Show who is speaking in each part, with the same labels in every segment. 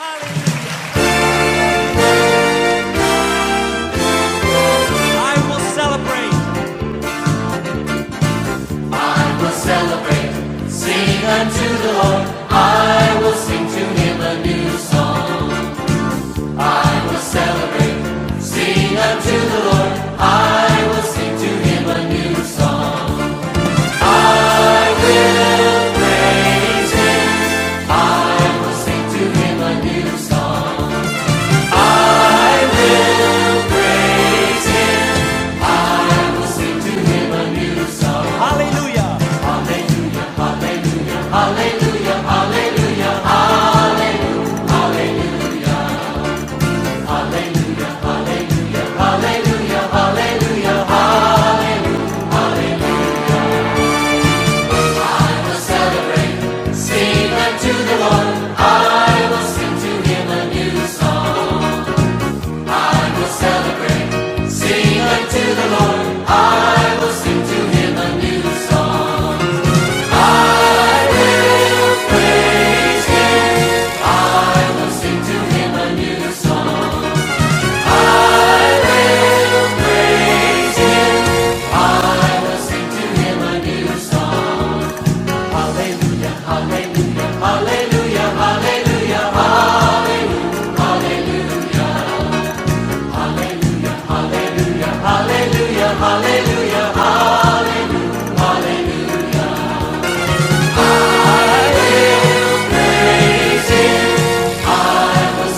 Speaker 1: I will celebrate. I will celebrate, sing unto the Lord. I will sing to him a new song. I will celebrate, sing unto, the Lord. Hallelujah. I will celebrate, sing unto the Lord. I will sing to him a new song. I will celebrate, sing unto the Lord. I will sing to him a new song.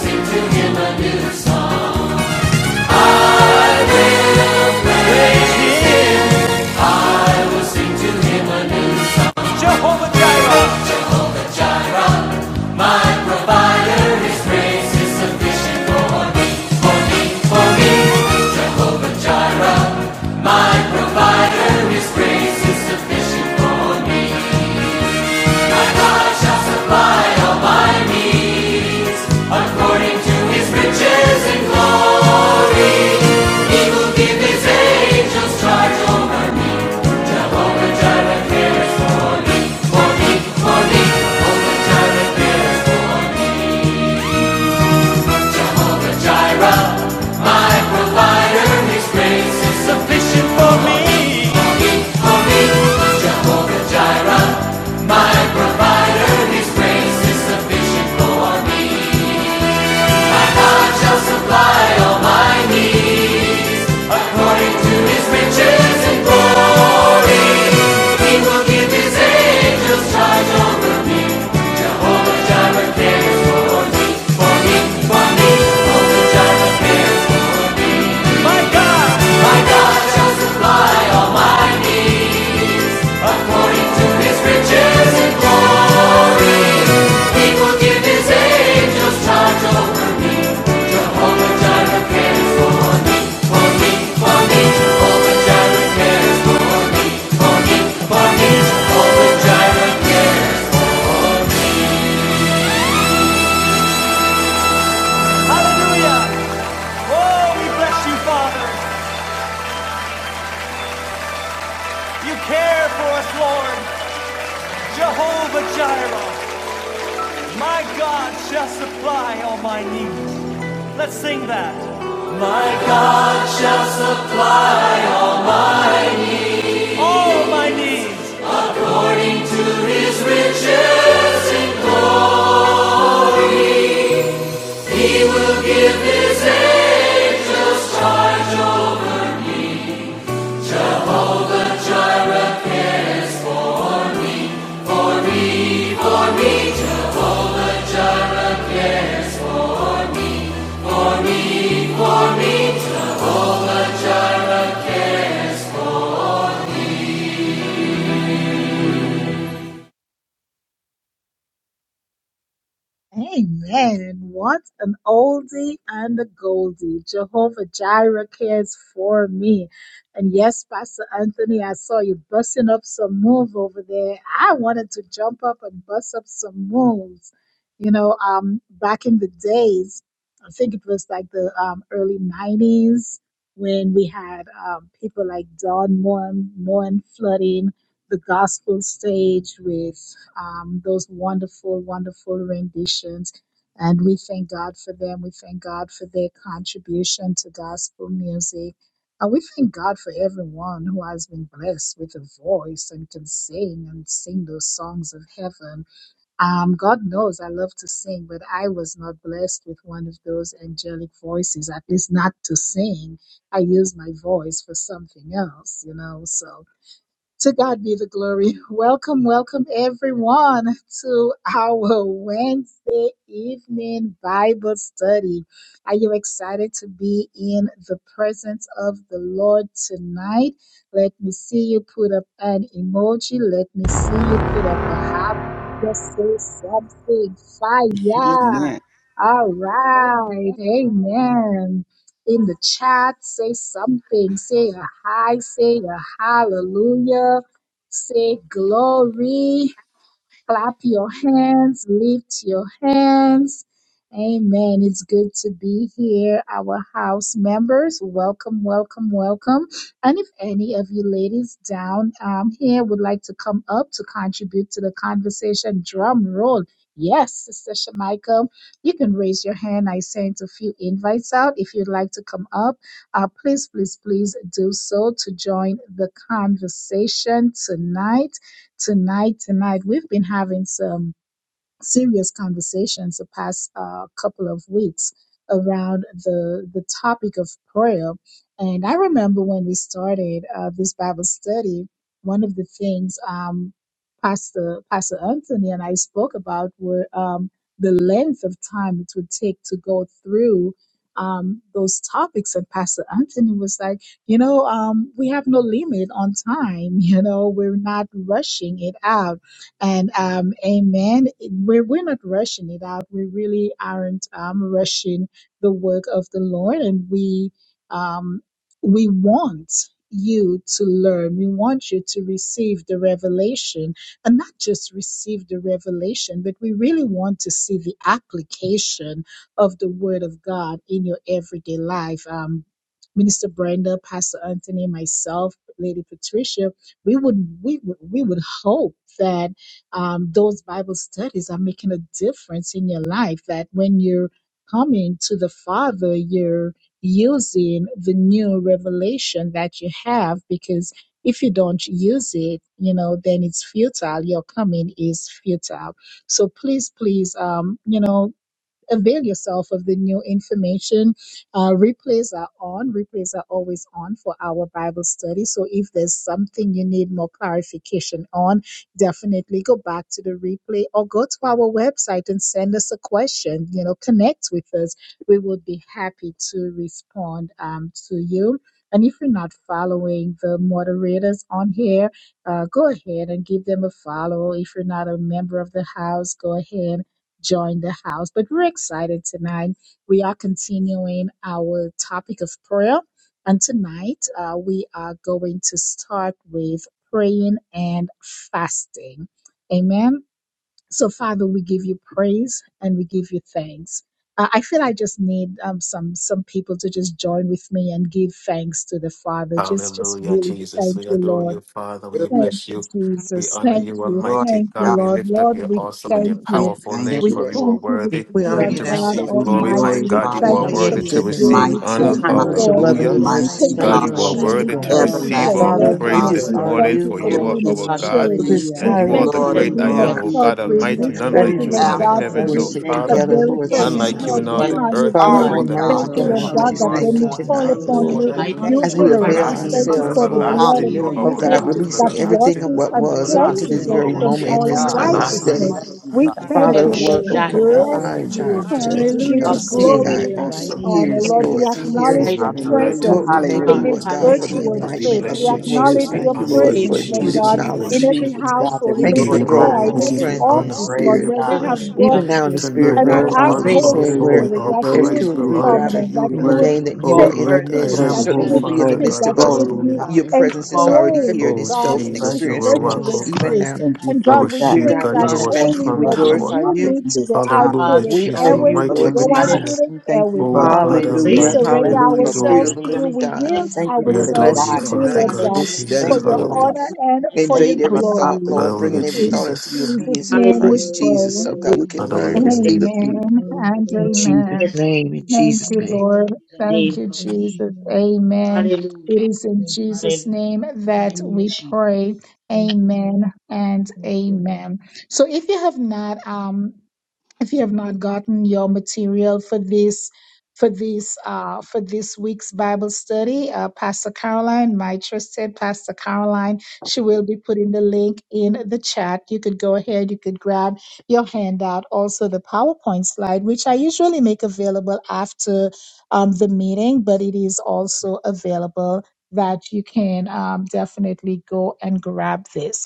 Speaker 1: Sing to him. Jehovah Jireh. Grace is sufficient for me. My God shall supply all my needs according to his riches and glory. He will give his angels charge over me. Jehovah Jireh for me, for me, for me. Jehovah Jireh, my provider, his grace is sufficient for me. According to his riches and glory He will give his angels charge over me. Jehovah Jireh cares for me, for me, for me. Jehovah Jireh cares. Hallelujah! Oh, we bless you, Father. You care for us, Lord. Jehovah Jireh, my God shall supply all my needs. Let's sing that. All my needs.
Speaker 2: Amen. And what an oldie and a goldie. Jehovah Jireh cares for me. And yes, Pastor Anthony, I saw you busting up some move over there. I wanted to jump up and bust up some moves. You know, um, back in the days, I think it was like the um, early 90s when we had um, people like Don Moore, Moore and flooding the gospel stage with um, those wonderful, wonderful renditions. And we thank God for them. We thank God for their contribution to gospel music. And we thank God for everyone who has been blessed with a voice and can sing and sing those songs of heaven. Um, God knows I love to sing, but I was not blessed with one of those angelic voices, at least not to sing. I use my voice for something else, you know. So to God be the glory. Welcome, welcome everyone to our Wednesday evening Bible study. Are you excited to be in the presence of the Lord tonight? Let me see you put up an emoji. Let me see you put up a heart. Just say something. Fire.
Speaker 3: Amen.
Speaker 2: All
Speaker 4: Amen.
Speaker 2: right. Amen in the chat. Say something. Say a hi. Say a hallelujah. Say glory. Clap your hands, lift your hands. Amen. It's good to be here. Our house members, welcome, welcome, welcome. And if any of you ladies down um, here would like to come up to contribute to the conversation, drum roll. Yes, Sister Shemika, you can raise your hand. I sent a few invites out. If you'd like to come up, uh, please, please, please do so to join the conversation tonight tonight, tonight, we've been having some serious conversations the past uh, couple of weeks around the the topic of prayer. And I remember when we started uh, this Bible study, one of the things um, Pastor Pastor Anthony and I spoke about were um, the length of time it would take to go through um, those topics. And Pastor Anthony was like, you know, um, we have no limit on time. You know, we're not rushing it out and um, amen. We're, we're not rushing it out. We really aren't um, rushing the work of the Lord. And we, um, we want you to learn. We want you to receive the revelation and not just receive the revelation, but we really want to see the application of the word of God in your everyday life. Um, Minister Brenda, Pastor Anthony, myself, Lady Patricia, we would we would we would hope that um, those Bible studies are making a difference in your life. That when you're coming to the Father, you're using the new revelation that you have because if you don't use it, you know, then it's futile. Your coming is futile. So please, please, um, you know, avail yourself of the new information. Uh, replays are on. Replays are always on for our Bible study. So if there's something you need more clarification on, definitely go back to the replay or go to our website and send us a question. You know, connect with us. We would be happy to respond um, to you. And if you're not following the moderators on here, uh, go ahead and give them a follow. If you're not a member of the house, go ahead join the house. But we're excited tonight. We are continuing our topic of prayer. And tonight uh, we are going to start with praying and fasting. Amen. So, Father, we give you praise and we give you thanks. Uh, I feel I just need um, some some people to just join with me and give thanks to the Father. Just just
Speaker 5: Hallelujah,
Speaker 2: really
Speaker 5: Jesus.
Speaker 2: thank
Speaker 5: We
Speaker 2: you,
Speaker 5: adore
Speaker 2: Lord
Speaker 5: you, Father. We
Speaker 3: Hallelujah.
Speaker 2: Thank
Speaker 5: bless
Speaker 2: you,
Speaker 5: you.
Speaker 6: And
Speaker 5: We
Speaker 2: Jesus.
Speaker 5: honor
Speaker 2: Thank
Speaker 5: you,
Speaker 2: you.
Speaker 6: I
Speaker 3: Lord
Speaker 5: Almighty
Speaker 2: Thank you,
Speaker 5: God.
Speaker 3: God,
Speaker 5: We
Speaker 6: thank
Speaker 2: Lord.
Speaker 5: lift up
Speaker 2: Lord,
Speaker 5: your
Speaker 2: we
Speaker 3: thank
Speaker 5: awesome and
Speaker 3: you.
Speaker 5: your
Speaker 2: thank
Speaker 6: you,
Speaker 3: We
Speaker 2: you.
Speaker 5: powerful
Speaker 7: Hallelujah,
Speaker 5: name,
Speaker 6: mighty
Speaker 3: thank
Speaker 2: We
Speaker 3: you,
Speaker 5: for
Speaker 8: today.
Speaker 5: you
Speaker 7: Jesus.
Speaker 5: are
Speaker 2: thank you
Speaker 7: Lord, we
Speaker 5: worthy
Speaker 2: because
Speaker 8: We
Speaker 2: you
Speaker 8: only
Speaker 2: are
Speaker 8: you
Speaker 5: to
Speaker 3: praise
Speaker 7: glorify
Speaker 4: Worthy,
Speaker 8: now,
Speaker 3: you,
Speaker 7: you.
Speaker 2: God
Speaker 6: God.
Speaker 8: Lord
Speaker 5: receive
Speaker 3: we
Speaker 5: glory.
Speaker 2: Almighty.
Speaker 4: worthy
Speaker 5: My
Speaker 8: Jesus, for
Speaker 4: to
Speaker 2: We
Speaker 5: God,
Speaker 8: your
Speaker 4: be
Speaker 3: glorify
Speaker 5: you
Speaker 9: Lord,
Speaker 2: thank
Speaker 5: are
Speaker 3: you.
Speaker 2: you
Speaker 7: We
Speaker 8: goodness,
Speaker 2: for
Speaker 8: your
Speaker 5: worthy
Speaker 9: hallelujah.
Speaker 5: to
Speaker 7: exalt
Speaker 4: praised.
Speaker 8: goodness,
Speaker 9: Oh,
Speaker 6: peace,
Speaker 2: today.
Speaker 5: receive
Speaker 7: you.
Speaker 9: we
Speaker 2: We
Speaker 8: your
Speaker 9: praise
Speaker 5: honor.
Speaker 6: mercy,
Speaker 3: Mighty,
Speaker 2: thank
Speaker 9: you,
Speaker 6: for
Speaker 2: you
Speaker 6: all
Speaker 9: Lord.
Speaker 3: mighty,
Speaker 8: kindness,
Speaker 7: Hallelujah.
Speaker 8: your
Speaker 4: You
Speaker 7: We
Speaker 2: for
Speaker 4: are
Speaker 8: love, and
Speaker 5: Hallelujah.
Speaker 4: the
Speaker 8: your
Speaker 6: things.
Speaker 9: Hallelujah.
Speaker 8: mercy
Speaker 4: Messiah,
Speaker 9: Thank
Speaker 3: mighty
Speaker 7: magnify
Speaker 2: taking
Speaker 9: you,
Speaker 5: God,
Speaker 4: King
Speaker 8: shown
Speaker 2: us
Speaker 7: you,
Speaker 3: God,
Speaker 6: Thank
Speaker 5: you
Speaker 6: you,
Speaker 9: Lord.
Speaker 4: of
Speaker 5: are
Speaker 8: towards
Speaker 7: Jesus.
Speaker 8: us
Speaker 2: through.
Speaker 6: mighty
Speaker 4: God.
Speaker 2: We
Speaker 5: worthy
Speaker 6: God,
Speaker 8: today.
Speaker 4: You
Speaker 5: to
Speaker 4: are
Speaker 6: that
Speaker 2: thank
Speaker 9: Oh,
Speaker 6: you
Speaker 2: you
Speaker 9: thank
Speaker 5: receive
Speaker 2: for
Speaker 9: you,
Speaker 4: sovereign,
Speaker 6: truly
Speaker 5: our
Speaker 7: We
Speaker 3: everlasting
Speaker 9: Lord.
Speaker 8: Father,
Speaker 6: do
Speaker 4: Father
Speaker 8: we
Speaker 2: watching
Speaker 5: praise
Speaker 6: it
Speaker 2: us.
Speaker 8: just
Speaker 3: Father,
Speaker 5: this
Speaker 4: God.
Speaker 2: We
Speaker 9: Hallelujah.
Speaker 8: honor
Speaker 7: glorify
Speaker 6: forever.
Speaker 7: you,
Speaker 5: morning,
Speaker 2: thank
Speaker 4: You
Speaker 2: you
Speaker 8: you,
Speaker 5: for
Speaker 2: for
Speaker 3: the
Speaker 5: you
Speaker 4: are
Speaker 8: Lord,
Speaker 7: Almighty
Speaker 9: Thank
Speaker 5: are
Speaker 6: Hallelujah.
Speaker 2: being
Speaker 4: a
Speaker 9: you,
Speaker 2: a
Speaker 3: Prince
Speaker 5: our
Speaker 3: of
Speaker 9: Lord.
Speaker 7: God. We
Speaker 5: God,
Speaker 2: shield.
Speaker 8: for
Speaker 4: faithful,
Speaker 7: thank
Speaker 3: Peace,
Speaker 8: this
Speaker 7: you.
Speaker 9: Hallelujah.
Speaker 5: and
Speaker 2: We
Speaker 6: Thank
Speaker 8: time
Speaker 5: you
Speaker 3: the
Speaker 6: you
Speaker 8: of
Speaker 5: are
Speaker 4: loving, kind
Speaker 2: thank
Speaker 9: Thank
Speaker 5: the
Speaker 2: you
Speaker 3: Lord
Speaker 2: for
Speaker 3: of
Speaker 5: great
Speaker 9: you.
Speaker 5: I
Speaker 2: being a
Speaker 9: Thank
Speaker 5: am,
Speaker 4: God.
Speaker 7: Hallelujah,
Speaker 3: Lords,
Speaker 5: O
Speaker 9: you,
Speaker 5: God
Speaker 9: Lord.
Speaker 7: Jesus,
Speaker 2: covering.
Speaker 6: for
Speaker 5: Almighty,
Speaker 2: We
Speaker 6: the
Speaker 7: tonight
Speaker 5: none
Speaker 4: There's
Speaker 2: thank
Speaker 8: study,
Speaker 2: you,
Speaker 7: for
Speaker 5: like
Speaker 9: Hallelujah.
Speaker 5: you
Speaker 6: eyes,
Speaker 8: this
Speaker 5: in
Speaker 4: no
Speaker 2: Lord
Speaker 5: all
Speaker 7: who you
Speaker 5: the
Speaker 8: time
Speaker 4: other
Speaker 3: Alpha,
Speaker 2: God,
Speaker 8: of
Speaker 7: are.
Speaker 2: for
Speaker 4: God
Speaker 9: Oh,
Speaker 5: heavens,
Speaker 3: the
Speaker 9: we
Speaker 5: O
Speaker 4: but
Speaker 2: being
Speaker 8: fellowship
Speaker 4: you,
Speaker 9: praise
Speaker 3: Omega,
Speaker 2: a
Speaker 4: dear
Speaker 9: you,
Speaker 5: Father,
Speaker 6: mighty
Speaker 7: There
Speaker 8: together,
Speaker 7: is
Speaker 3: the
Speaker 4: God.
Speaker 2: very
Speaker 9: Lord.
Speaker 8: Lord
Speaker 4: You are
Speaker 5: none
Speaker 7: none
Speaker 2: present
Speaker 3: beginning,
Speaker 5: like
Speaker 7: like
Speaker 5: you
Speaker 8: Jesus.
Speaker 2: help
Speaker 5: in
Speaker 3: the
Speaker 7: you,
Speaker 6: lift
Speaker 5: all
Speaker 4: supreme,
Speaker 2: in
Speaker 5: the
Speaker 6: up
Speaker 9: Hallelujah.
Speaker 3: end,
Speaker 6: to
Speaker 2: time
Speaker 7: Almighty
Speaker 2: of
Speaker 6: give
Speaker 5: earth.
Speaker 6: you
Speaker 8: Father
Speaker 2: need.
Speaker 7: God.
Speaker 5: Before
Speaker 2: We
Speaker 3: sovereign
Speaker 5: the
Speaker 9: Thank
Speaker 7: There
Speaker 4: and we
Speaker 7: is
Speaker 9: you,
Speaker 3: God
Speaker 8: Almighty
Speaker 2: thank
Speaker 6: you
Speaker 9: Lord.
Speaker 2: you,
Speaker 3: you
Speaker 7: none,
Speaker 8: God,
Speaker 2: Lord
Speaker 3: are.
Speaker 6: praise.
Speaker 5: mountains
Speaker 4: worship
Speaker 8: we
Speaker 5: were
Speaker 2: God,
Speaker 7: Lord.
Speaker 4: you,
Speaker 8: just
Speaker 2: that
Speaker 10: Amen.
Speaker 3: Thank
Speaker 5: brought
Speaker 4: dear
Speaker 8: thank
Speaker 2: when
Speaker 8: you
Speaker 9: Hallelujah.
Speaker 3: you,
Speaker 2: we
Speaker 4: God.
Speaker 5: forth,
Speaker 3: Jesus.
Speaker 2: call
Speaker 7: Oh,
Speaker 8: tonight,
Speaker 5: God,
Speaker 9: Oh,
Speaker 7: God
Speaker 4: Jehovah
Speaker 6: Thank
Speaker 2: upon
Speaker 6: you
Speaker 8: Lord,
Speaker 5: before
Speaker 9: thank
Speaker 6: for
Speaker 2: you,
Speaker 6: the
Speaker 5: that,
Speaker 9: you,
Speaker 4: Jireh,
Speaker 7: Almighty,
Speaker 9: Lord.
Speaker 7: in
Speaker 6: knowledge
Speaker 2: you
Speaker 3: Thank
Speaker 6: that
Speaker 8: as
Speaker 3: you,
Speaker 5: from
Speaker 8: we
Speaker 4: thank you
Speaker 2: hear
Speaker 6: you've
Speaker 2: us.
Speaker 4: for
Speaker 3: Jesus.
Speaker 6: given
Speaker 8: avail
Speaker 2: We
Speaker 7: comparison
Speaker 9: Thank
Speaker 5: everlasting
Speaker 2: thank
Speaker 7: to
Speaker 4: caring
Speaker 9: you,
Speaker 6: unto
Speaker 2: you
Speaker 5: to
Speaker 6: us,
Speaker 4: for
Speaker 7: you,
Speaker 8: ourselves,
Speaker 2: for
Speaker 9: Lord.
Speaker 6: mighty
Speaker 7: you
Speaker 2: the
Speaker 4: me,
Speaker 8: Lord,
Speaker 4: for
Speaker 7: are the
Speaker 2: blood
Speaker 5: everlasting,
Speaker 2: of
Speaker 5: you
Speaker 9: Hallelujah.
Speaker 4: caring
Speaker 5: are
Speaker 6: God,
Speaker 7: great
Speaker 4: for
Speaker 8: oh
Speaker 3: Hallelujah.
Speaker 5: our
Speaker 9: Thank
Speaker 6: given
Speaker 7: high
Speaker 2: Jesus
Speaker 4: every
Speaker 8: God,
Speaker 9: you,
Speaker 6: unto
Speaker 5: God,
Speaker 4: one
Speaker 5: from
Speaker 9: Lord.
Speaker 6: your
Speaker 4: of
Speaker 2: that
Speaker 7: priest,
Speaker 8: releasing
Speaker 3: Hallelujah.
Speaker 4: us,
Speaker 6: God.
Speaker 7: uh,
Speaker 4: dear
Speaker 8: everything of
Speaker 5: everlasting
Speaker 2: washes
Speaker 4: God.
Speaker 8: what
Speaker 2: and
Speaker 5: to
Speaker 7: who
Speaker 8: was up
Speaker 9: Oh,
Speaker 7: are the
Speaker 8: until
Speaker 6: Hallelujah.
Speaker 9: thank
Speaker 2: cleanses
Speaker 5: everlasting,
Speaker 8: this
Speaker 5: you
Speaker 4: And
Speaker 6: To
Speaker 5: are
Speaker 9: you,
Speaker 7: great
Speaker 2: us
Speaker 3: Hallelujah.
Speaker 8: very
Speaker 6: you,
Speaker 5: our
Speaker 6: we
Speaker 4: thank
Speaker 2: from
Speaker 9: Lord.
Speaker 4: you,
Speaker 7: balm
Speaker 8: moment
Speaker 5: King,
Speaker 8: in
Speaker 2: all
Speaker 3: Great
Speaker 5: from
Speaker 4: Father
Speaker 8: this
Speaker 7: in
Speaker 3: God.
Speaker 8: time
Speaker 4: God,
Speaker 8: of
Speaker 9: Thank
Speaker 7: bomb.
Speaker 9: you,
Speaker 5: everlasting to
Speaker 9: Lord.
Speaker 8: study.
Speaker 4: that,
Speaker 2: unrighteousness.
Speaker 3: Bless you,
Speaker 2: We
Speaker 3: Father
Speaker 4: we
Speaker 5: everlasting.
Speaker 7: are
Speaker 3: God.
Speaker 4: can
Speaker 2: thank
Speaker 6: bless
Speaker 5: God.
Speaker 7: El
Speaker 10: For
Speaker 8: Father,
Speaker 2: you,
Speaker 4: come
Speaker 6: the
Speaker 2: Lord.
Speaker 8: Lord,
Speaker 9: Hallelujah.
Speaker 2: We
Speaker 8: open
Speaker 4: together
Speaker 8: up
Speaker 7: Shaddai.
Speaker 5: Our
Speaker 8: our
Speaker 2: bless
Speaker 4: knowing,
Speaker 10: opening
Speaker 8: eyes,
Speaker 7: You
Speaker 5: mighty
Speaker 6: name of
Speaker 8: our
Speaker 2: you.
Speaker 7: are
Speaker 4: dear
Speaker 7: the
Speaker 8: to
Speaker 10: the
Speaker 5: Redeemer,
Speaker 4: God
Speaker 2: We
Speaker 7: lily
Speaker 2: give you
Speaker 8: uh,
Speaker 7: of
Speaker 9: Hallelujah.
Speaker 5: Jesus,
Speaker 7: the
Speaker 4: Almighty,
Speaker 5: must
Speaker 10: door,
Speaker 8: seeing
Speaker 5: be
Speaker 4: that
Speaker 2: glory.
Speaker 8: eye
Speaker 5: your
Speaker 2: We
Speaker 7: valley.
Speaker 9: Hallelujah.
Speaker 4: you're
Speaker 2: give you
Speaker 4: right
Speaker 5: awesome
Speaker 10: we
Speaker 9: Yes,
Speaker 4: here
Speaker 2: honor.
Speaker 7: You are
Speaker 10: thank
Speaker 8: ears,
Speaker 4: with
Speaker 2: Lord,
Speaker 5: and
Speaker 9: Lord.
Speaker 5: your
Speaker 2: we
Speaker 10: you
Speaker 8: Lord,
Speaker 4: us,
Speaker 8: to
Speaker 9: Thank
Speaker 4: Holy
Speaker 10: for
Speaker 9: you.
Speaker 5: powerful
Speaker 2: acknowledge
Speaker 8: hearing.
Speaker 7: bright
Speaker 2: your
Speaker 4: Spirit.
Speaker 5: name
Speaker 10: wisdom,
Speaker 7: and
Speaker 4: And
Speaker 5: tonight,
Speaker 3: Hallelujah.
Speaker 2: presence
Speaker 5: oh
Speaker 7: morning
Speaker 8: Lord, we
Speaker 4: we
Speaker 5: God
Speaker 4: don't
Speaker 8: thank
Speaker 9: Hallelujah.
Speaker 8: you,
Speaker 2: in
Speaker 4: have
Speaker 3: Hallelujah.
Speaker 7: star.
Speaker 2: this
Speaker 8: Lord
Speaker 4: to
Speaker 5: Almighty.
Speaker 8: God,
Speaker 9: Thank
Speaker 8: for
Speaker 4: beg
Speaker 6: mighty
Speaker 9: you,
Speaker 8: the
Speaker 2: virtual
Speaker 9: Lord.
Speaker 7: Hallelujah,
Speaker 4: because
Speaker 5: As we
Speaker 4: you
Speaker 8: enlightenment
Speaker 2: space.
Speaker 7: Jesus.
Speaker 8: of
Speaker 2: We
Speaker 5: bless
Speaker 8: your
Speaker 5: you,
Speaker 4: already
Speaker 8: word.
Speaker 5: Jesus,
Speaker 2: acknowledge
Speaker 3: Thank
Speaker 5: we
Speaker 4: write the
Speaker 8: Thank
Speaker 2: your
Speaker 7: We
Speaker 4: to
Speaker 3: you,
Speaker 8: you,
Speaker 5: honor
Speaker 3: Jesus.
Speaker 8: Lord,
Speaker 5: you,
Speaker 7: place
Speaker 8: for
Speaker 2: presence,
Speaker 4: scripts.
Speaker 7: you
Speaker 4: In
Speaker 2: Lord
Speaker 9: We
Speaker 7: on
Speaker 3: Thank you,
Speaker 8: intuitive
Speaker 7: the
Speaker 5: Jesus,
Speaker 2: God,
Speaker 9: praise
Speaker 5: we
Speaker 9: you,
Speaker 4: Jesus'
Speaker 8: knowledge,
Speaker 10: the
Speaker 7: highest
Speaker 6: King
Speaker 3: Jesus.
Speaker 2: in
Speaker 10: wisdom
Speaker 4: name
Speaker 9: Lord.
Speaker 5: worship
Speaker 4: It we
Speaker 2: every
Speaker 5: you.
Speaker 6: Jesus.
Speaker 7: place,
Speaker 3: you,
Speaker 8: Jesus.
Speaker 4: pray.
Speaker 3: God, that
Speaker 2: household,
Speaker 3: we
Speaker 2: in
Speaker 5: We
Speaker 8: Thank you
Speaker 5: give
Speaker 7: mighty
Speaker 8: for
Speaker 4: Amen
Speaker 2: every
Speaker 5: you
Speaker 9: We
Speaker 3: glorify
Speaker 8: growth
Speaker 4: and
Speaker 2: car,
Speaker 7: God.
Speaker 5: glory,
Speaker 9: praise
Speaker 2: in
Speaker 8: and
Speaker 5: we
Speaker 3: your
Speaker 9: you,
Speaker 3: name.
Speaker 2: every
Speaker 5: give
Speaker 9: God.
Speaker 5: you
Speaker 7: For
Speaker 8: strength
Speaker 3: We
Speaker 4: amen.
Speaker 8: and
Speaker 5: honor,
Speaker 2: office,
Speaker 5: we
Speaker 7: indeed,
Speaker 2: Lord,
Speaker 5: give
Speaker 3: praise
Speaker 8: spirit.
Speaker 5: you
Speaker 2: where we
Speaker 3: God.
Speaker 2: have
Speaker 7: hallelujah,
Speaker 5: praise.
Speaker 2: brought
Speaker 8: Even
Speaker 4: Hallelujah.
Speaker 9: Yes,
Speaker 8: now
Speaker 7: you
Speaker 8: in the
Speaker 2: you.
Speaker 10: in
Speaker 9: Lord.
Speaker 10: your
Speaker 8: spirit
Speaker 3: You're
Speaker 5: Tonight,
Speaker 2: And we
Speaker 7: are
Speaker 8: realm,
Speaker 7: the
Speaker 5: all
Speaker 10: service.
Speaker 2: ask,
Speaker 3: worthy,
Speaker 8: Father,
Speaker 5: honor,
Speaker 8: you
Speaker 3: you're
Speaker 7: great
Speaker 5: all
Speaker 2: Holy
Speaker 8: say
Speaker 7: high
Speaker 8: where
Speaker 3: worthy,
Speaker 5: glory,
Speaker 7: priest
Speaker 2: Spirit,
Speaker 9: Amen.
Speaker 5: all
Speaker 3: you're
Speaker 2: that you
Speaker 8: there's
Speaker 7: who
Speaker 10: We
Speaker 3: worthy,
Speaker 5: praise
Speaker 2: would
Speaker 8: two or
Speaker 4: hallelujah.
Speaker 2: be
Speaker 7: are
Speaker 10: thank
Speaker 3: you're
Speaker 10: you
Speaker 8: three
Speaker 5: belong
Speaker 3: worthy,
Speaker 5: to
Speaker 10: for
Speaker 8: gathered
Speaker 2: prominent,
Speaker 7: worthy of
Speaker 10: which
Speaker 2: that
Speaker 5: you.
Speaker 3: you're
Speaker 8: in
Speaker 9: Thank
Speaker 2: you
Speaker 8: your
Speaker 9: you,
Speaker 2: would
Speaker 3: worthy,
Speaker 7: praise,
Speaker 8: name
Speaker 4: Welcome
Speaker 9: Lord.
Speaker 4: you,
Speaker 8: that
Speaker 7: who
Speaker 5: Oh,
Speaker 8: you
Speaker 7: are
Speaker 8: are
Speaker 2: take
Speaker 4: Holy
Speaker 8: in
Speaker 2: your
Speaker 8: the
Speaker 10: the
Speaker 5: great
Speaker 10: power
Speaker 7: worthy.
Speaker 5: I
Speaker 8: midst.
Speaker 2: place,
Speaker 8: You
Speaker 3: worthy
Speaker 5: am,
Speaker 2: that you
Speaker 4: Spirit.
Speaker 5: oh
Speaker 8: certainly
Speaker 3: to
Speaker 8: will
Speaker 3: be
Speaker 2: would
Speaker 8: be in the
Speaker 5: Father
Speaker 7: Hallelujah.
Speaker 2: sit,
Speaker 3: praised.
Speaker 5: God,
Speaker 8: midst
Speaker 2: that
Speaker 8: of
Speaker 2: you
Speaker 8: us.
Speaker 7: Be
Speaker 3: Glory
Speaker 2: would
Speaker 3: to
Speaker 2: be
Speaker 5: hallelujah.
Speaker 9: Yeah,
Speaker 4: Father
Speaker 8: Your
Speaker 3: God
Speaker 9: Thank
Speaker 4: God,
Speaker 7: exalted.
Speaker 9: you,
Speaker 4: we
Speaker 8: presence
Speaker 7: You
Speaker 4: want
Speaker 9: Lord.
Speaker 8: is
Speaker 7: are
Speaker 4: to do
Speaker 8: already
Speaker 7: worthy
Speaker 4: your
Speaker 2: enthroned,
Speaker 8: here and
Speaker 2: oh
Speaker 5: Oh,
Speaker 9: Yeah,
Speaker 8: is
Speaker 4: will.
Speaker 3: for
Speaker 2: God,
Speaker 3: your
Speaker 8: felt and
Speaker 2: in
Speaker 5: Jesus,
Speaker 2: this
Speaker 3: presence.
Speaker 5: you're
Speaker 8: experienced
Speaker 5: a
Speaker 4: In
Speaker 9: Thank
Speaker 8: among
Speaker 5: rock,
Speaker 2: virtual
Speaker 7: on
Speaker 8: us
Speaker 5: oh
Speaker 9: you, Lord.
Speaker 7: a
Speaker 8: even
Speaker 5: God.
Speaker 7: high
Speaker 4: Jesus'
Speaker 2: space.
Speaker 8: now.
Speaker 3: Thank you
Speaker 4: name,
Speaker 2: And
Speaker 3: for
Speaker 7: tonight.
Speaker 5: You're
Speaker 3: this
Speaker 5: a
Speaker 2: God, we
Speaker 8: Dear
Speaker 10: of
Speaker 5: shield,
Speaker 2: pray
Speaker 8: God,
Speaker 5: God,
Speaker 8: we
Speaker 2: that
Speaker 3: atmosphere.
Speaker 7: God
Speaker 5: you're a
Speaker 8: just
Speaker 7: and
Speaker 8: thank
Speaker 3: Thank
Speaker 2: only
Speaker 7: soul.
Speaker 4: amen.
Speaker 8: you.
Speaker 3: you
Speaker 8: We
Speaker 5: strong
Speaker 3: for
Speaker 2: what
Speaker 3: this
Speaker 7: We
Speaker 5: tower.
Speaker 8: glorify
Speaker 2: you
Speaker 3: topic,
Speaker 8: you.
Speaker 2: need
Speaker 7: thank
Speaker 2: to
Speaker 7: you,
Speaker 3: this
Speaker 2: go out
Speaker 3: time.
Speaker 7: our
Speaker 2: through
Speaker 5: Hallelujah,
Speaker 7: Father,
Speaker 2: this
Speaker 8: We
Speaker 5: Jesus,
Speaker 8: honor
Speaker 5: you're
Speaker 3: Thank
Speaker 5: a
Speaker 3: you
Speaker 7: for
Speaker 2: airways
Speaker 8: you,
Speaker 7: your
Speaker 3: for
Speaker 2: will
Speaker 3: the
Speaker 5: mighty
Speaker 8: Lord
Speaker 7: goodness.
Speaker 2: go out
Speaker 3: illumination.
Speaker 7: Hallelujah.
Speaker 5: Redeemer.
Speaker 8: Jesus.
Speaker 2: through this
Speaker 3: Thank
Speaker 2: airways,
Speaker 3: you for
Speaker 10: your
Speaker 5: Oh
Speaker 7: For
Speaker 3: the
Speaker 2: God.
Speaker 10: name,
Speaker 7: your
Speaker 5: God
Speaker 2: We
Speaker 8: Hallelujah,
Speaker 7: grace,
Speaker 9: Lord,
Speaker 7: for
Speaker 3: understanding.
Speaker 5: Almighty,
Speaker 7: your
Speaker 2: surrender
Speaker 3: Thank
Speaker 5: we
Speaker 9: thank
Speaker 3: you
Speaker 8: hallelujah.
Speaker 3: for
Speaker 7: mercy,
Speaker 9: you.
Speaker 5: adore
Speaker 8: Spirit
Speaker 2: ourselves
Speaker 8: of
Speaker 3: the
Speaker 5: you,
Speaker 8: the
Speaker 7: and
Speaker 2: to
Speaker 7: your
Speaker 5: God.
Speaker 2: you.
Speaker 8: living
Speaker 3: wisdom.
Speaker 2: We
Speaker 7: love,
Speaker 8: God,
Speaker 2: yield
Speaker 9: Lord, we
Speaker 7: Almighty
Speaker 3: Thank you
Speaker 5: We
Speaker 9: thank
Speaker 8: we
Speaker 3: for
Speaker 9: you,
Speaker 3: the
Speaker 5: adore
Speaker 2: ourselves
Speaker 7: Father.
Speaker 9: Lord.
Speaker 8: bless you
Speaker 5: you,
Speaker 2: to you,
Speaker 3: guidance.
Speaker 5: Father
Speaker 8: tonight
Speaker 9: Thank
Speaker 2: Lord
Speaker 8: for
Speaker 5: God,
Speaker 2: God,
Speaker 8: this
Speaker 9: you,
Speaker 7: Hallelujah.
Speaker 9: thank
Speaker 3: God.
Speaker 5: Jesus,
Speaker 2: for
Speaker 8: study,
Speaker 9: you,
Speaker 2: your
Speaker 9: thank
Speaker 7: What
Speaker 8: Lord.
Speaker 5: hallelujah,
Speaker 9: you.
Speaker 2: honor
Speaker 11: Amen.
Speaker 7: the
Speaker 2: and
Speaker 7: mighty
Speaker 2: for
Speaker 3: Thank
Speaker 2: your
Speaker 8: Invade
Speaker 3: you
Speaker 8: every
Speaker 11: Amen.
Speaker 3: for the
Speaker 9: Mm,
Speaker 8: thought,
Speaker 7: Jesus.
Speaker 9: Thank
Speaker 2: glory.
Speaker 8: Lord,
Speaker 9: you,
Speaker 8: bringing
Speaker 5: hallelujah,
Speaker 9: Lord.
Speaker 8: every
Speaker 3: opportunity.
Speaker 2: In
Speaker 8: thought into the
Speaker 5: Jesus,
Speaker 2: Jesus'
Speaker 8: obedience of
Speaker 2: name
Speaker 7: Hallelujah.
Speaker 2: we
Speaker 9: Hallelujah.
Speaker 8: Christ
Speaker 11: Amen.
Speaker 8: Jesus.
Speaker 2: pray.
Speaker 8: So,
Speaker 9: Thank
Speaker 8: God,
Speaker 11: Amen.
Speaker 8: we
Speaker 9: you,
Speaker 8: can
Speaker 9: Lord.
Speaker 8: learn,
Speaker 5: hallelujah,
Speaker 7: Dear
Speaker 11: Lord,
Speaker 7: Almighty
Speaker 5: amen.
Speaker 8: receive of
Speaker 11: uh,
Speaker 8: you.
Speaker 2: Amen
Speaker 7: God.
Speaker 9: Oh,
Speaker 11: thank you,
Speaker 2: and
Speaker 8: In
Speaker 9: Jesus,
Speaker 11: Lord.
Speaker 10: for
Speaker 8: Jesus'
Speaker 9: Jesus,
Speaker 2: amen.
Speaker 7: Blessed
Speaker 8: name, in
Speaker 9: Jesus.
Speaker 2: Thank
Speaker 8: Jesus'
Speaker 2: you,
Speaker 8: name.
Speaker 9: Hallelujah.
Speaker 2: Lord.
Speaker 7: be the
Speaker 2: Thank
Speaker 7: name
Speaker 2: you,
Speaker 7: of
Speaker 10: peace,
Speaker 9: Thank you,
Speaker 2: Jesus.
Speaker 9: Lord.
Speaker 7: Jesus.
Speaker 2: Amen.
Speaker 7: Hallelujah.
Speaker 2: It is in
Speaker 9: Thank you,
Speaker 2: Jesus'
Speaker 9: Lord.
Speaker 7: Hallelujah.
Speaker 2: name that
Speaker 7: Thank you,
Speaker 9: Hallelujah.
Speaker 2: we
Speaker 7: Jesus.
Speaker 2: pray.
Speaker 9: Thank you, Lord.
Speaker 2: Amen and
Speaker 9: Thank you, Lord.
Speaker 2: amen. So if you have not, um, if you have not gotten your material for this for this uh, for this week's Bible study, uh, Pastor Caroline, my trusted Pastor Caroline, she will be putting the link in the chat. You could go ahead, you could grab your handout, also the PowerPoint slide, which I usually make available after um, the meeting, but it is also available that you can um, definitely go and grab this.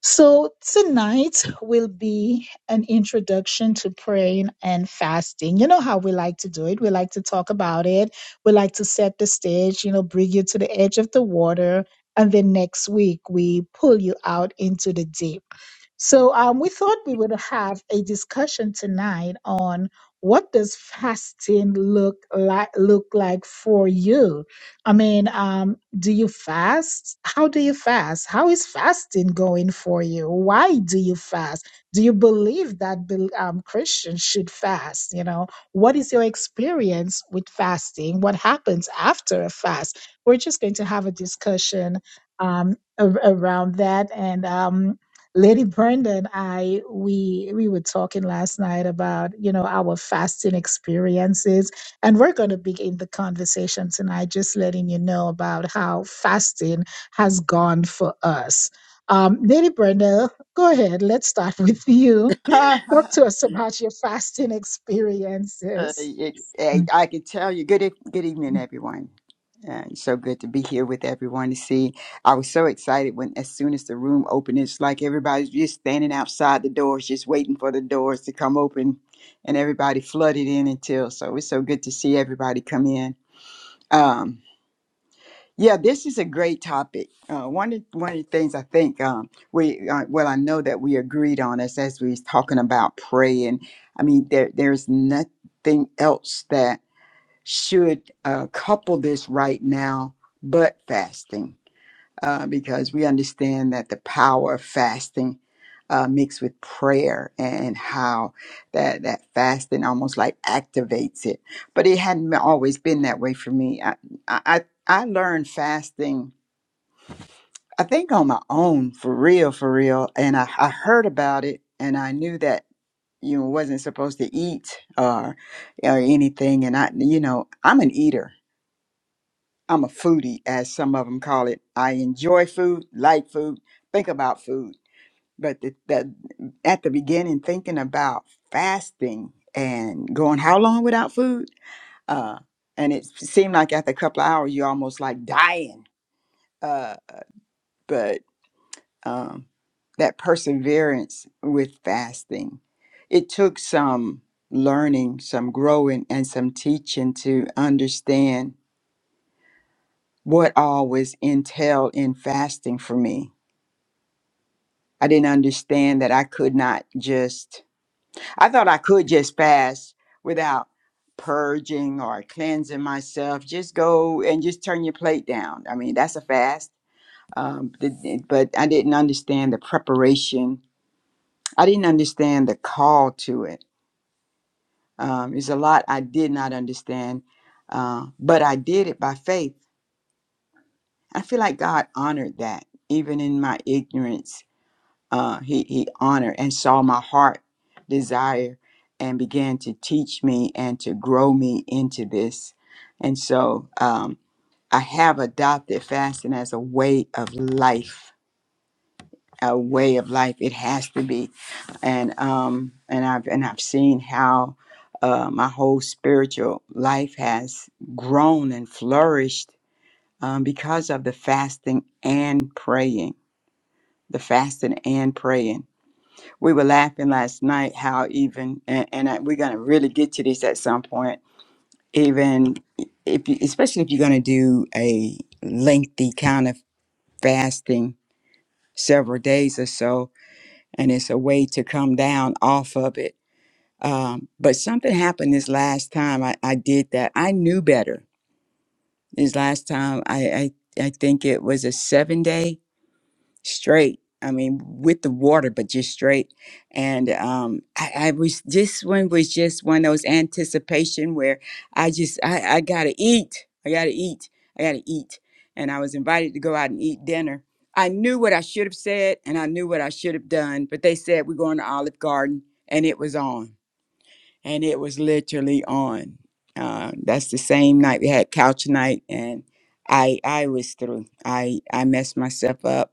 Speaker 2: So, tonight will be an introduction to praying and fasting. You know how we like to do it. We like to talk about it. We like to set the stage, you know, bring you to the edge of the water. And then next week, we pull you out into the deep. So, um, we thought we would have a discussion tonight on what does fasting look like look like for you I mean, um, do you fast? How do you fast? How is fasting going for you? Why do you fast? Do you believe that bel- um, Christians should fast? You know, what is your experience with fasting? What happens after a fast? We're just going to have a discussion um, a- around that. And um, Lady Brenda and I, we we were talking last night about you know our fasting experiences and we're going to begin the conversation tonight, just letting you know about how fasting has gone for us. Um, Lady Brenda, go ahead. Let's start with you.
Speaker 3: uh,
Speaker 2: Talk to us about your fasting experiences.
Speaker 3: it, eh,
Speaker 2: Mhm.
Speaker 3: I can tell you. Good, e- good evening, everyone. And so good to be here with everyone to see. I was so excited when, as soon as the room opened, it's like everybody's just standing outside the doors, just waiting for the doors to come open, and everybody flooded in until. So it's so good to see everybody come in. Um, Yeah, this is a great topic. Uh, one of one of the things I think um, we uh, well, I know that we agreed on is as we was talking about praying. I mean, there there's nothing else that should uh, couple this right now but fasting uh, because we understand that the power of fasting uh, mixed with prayer and how that that fasting almost like activates it. But it hadn't always been that way for me. I I, I learned fasting, I think, on my own for real, for real. And I, I heard about it, and I knew that you know, wasn't supposed to eat or or anything. And I, you know, I'm an eater I'm a foodie, as some of them call it. I enjoy food, like food, think about food. But the, the, at the beginning, thinking about fasting and going how long without food, uh, and it seemed like after a couple of hours, you're almost like dying. Uh, but um, that perseverance with fasting, it took some learning, some growing, and some teaching to understand what all was entailed in fasting for me. I didn't understand that I could not just, I thought I could just fast without purging or cleansing myself. Just go and just turn your plate down. I mean, that's a fast. Um, th- th- but I didn't understand the preparation, I didn't understand the call to it. Um, there's a lot I did not understand, uh, but I did it by faith. I feel like God honored that, even in my ignorance uh, he he honored and saw my heart desire and began to teach me and to grow me into this and so um, i have adopted fasting as a way of life a way of life it has to be and um and i've and i've seen how uh, my whole spiritual life has grown and flourished um, because of the fasting and praying the fasting and praying we were laughing last night how even and, and I, we're going to really get to this at some point even if you, especially if you're going to do a lengthy kind of fasting several days or so and it's a way to come down off of it um, but something happened this last time I, I did that i knew better this last time i i, I think it was a seven day straight. I mean, with the water, but just straight. And um, I, I was this one was just one of those anticipation where I just I, I gotta eat. I gotta eat. I gotta eat. And I was invited to go out and eat dinner. I knew what I should have said and I knew what I should have done, but they said we're going to Olive Garden and it was on and it was literally on. Uh, that's the same night we had couch night, and I I was through. I I messed myself up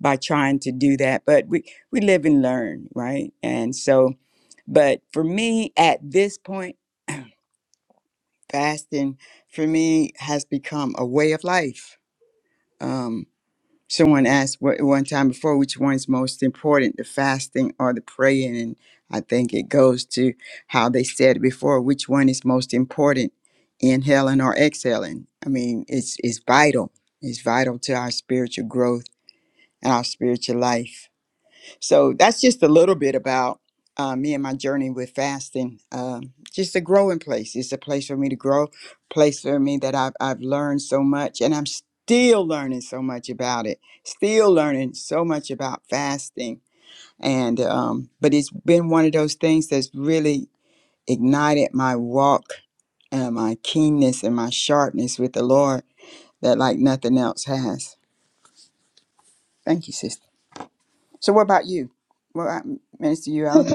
Speaker 3: by trying to do that, but we we live and learn, right? And so, but for me at this point, fasting for me has become a way of life. Um, Someone asked what, one time before which one's most important, the fasting or the praying. And I think it goes to how they said before which one is most important, inhaling or exhaling. I mean, it's, it's vital. It's vital to our spiritual growth and our spiritual life. So that's just a little bit about uh, me and my journey with fasting. Um, just a growing place. It's a place for me to grow, place for me that I've, I've learned so much, and I'm still learning so much about it. Still learning so much about fasting, and um, but it's been one of those things that's really ignited my walk and my keenness and my sharpness with the Lord that like nothing else has. Thank you, sister. So what about you? What about Minister you,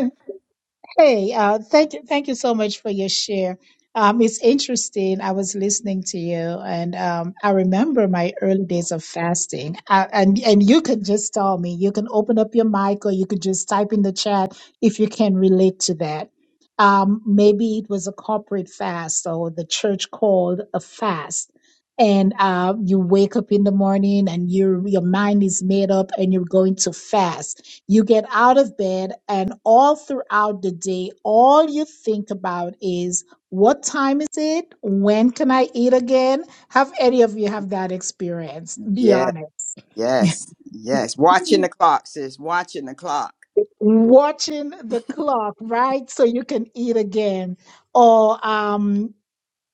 Speaker 2: Hey, uh, thank you, thank you so much for your share. Um, it's interesting. I was listening to you, and um, I remember my early days of fasting. Uh, and and you could just tell me. You can open up your mic, or you could just type in the chat if you can relate to that. Um, maybe it was a corporate fast, or the church called a fast. And uh, you wake up in the morning, and your your mind is made up, and you're going to fast you get out of bed, and all throughout the day, all you think about is what time is it? When can I eat again? Have any of you have that experience? Be
Speaker 3: Yes,
Speaker 2: honest.
Speaker 3: yes, yes. Watching the clock, sis. Watching the clock.
Speaker 2: Watching the clock, right? So you can eat again. Or um,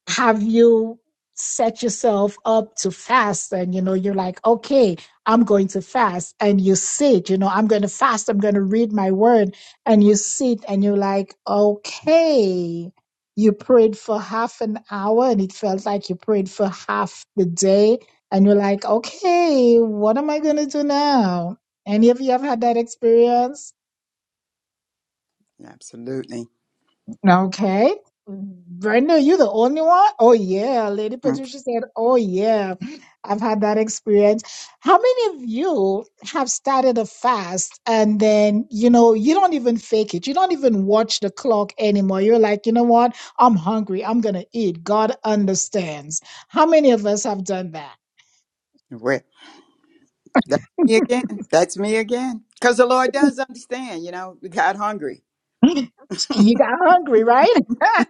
Speaker 2: have you set yourself up to fast and you know you're like okay i'm going to fast and you sit you know i'm going to fast i'm going to read my word and you sit and you're like okay you prayed for half an hour and it felt like you prayed for half the day and you're like okay what am i going to do now any of you have had that experience
Speaker 3: Absolutely.
Speaker 2: Okay. Brenda, you the only one? Oh yeah. Lady
Speaker 3: Okay.
Speaker 2: Patricia said, Oh yeah. I've had that experience. How many of you have started a fast and then, you know, you don't even fake it. You don't even watch the clock anymore. You're like, you know what? I'm hungry. I'm gonna eat. God understands. How many of us have done that?
Speaker 3: Well, That's me again. That's me again. Because the Lord does understand, you know, we got hungry.
Speaker 2: You got hungry, right?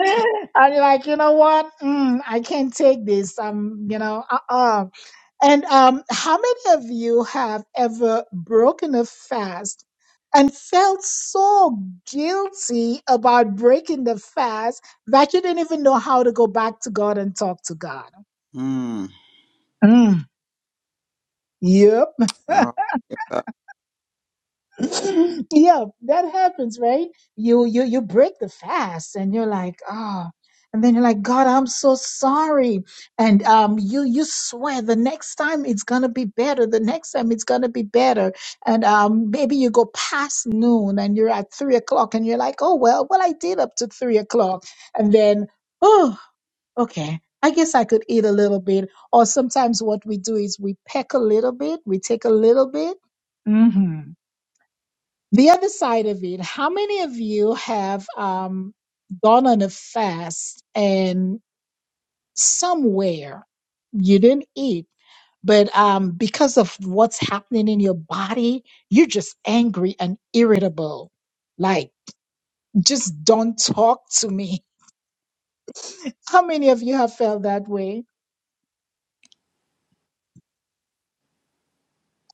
Speaker 2: and you're like, you know what? Mm, I can't take this. Um, you know, uh-uh. And um, how many of you have ever broken a fast and felt so guilty about breaking the fast that you didn't even know how to go back to God and talk to God?
Speaker 3: Hmm.
Speaker 2: Mm. Yep.
Speaker 3: Oh, uh,
Speaker 2: yeah, that happens, right? You you you break the fast and you're like, ah, and then you're like, God, I'm so sorry. And um you you swear the next time it's gonna be better, the next time it's gonna be better. And um maybe you go past noon and you're at three o'clock and you're like, oh well, well I did up to three o'clock. And then, oh, okay. I guess I could eat a little bit. Or sometimes what we do is we peck a little bit, we take a little bit. hmm the other side of it, how many of you have um, gone on a fast and somewhere you didn't eat, but um, because of what's happening in your body, you're just angry and irritable. Like, just don't talk to me. How many of you have felt that way?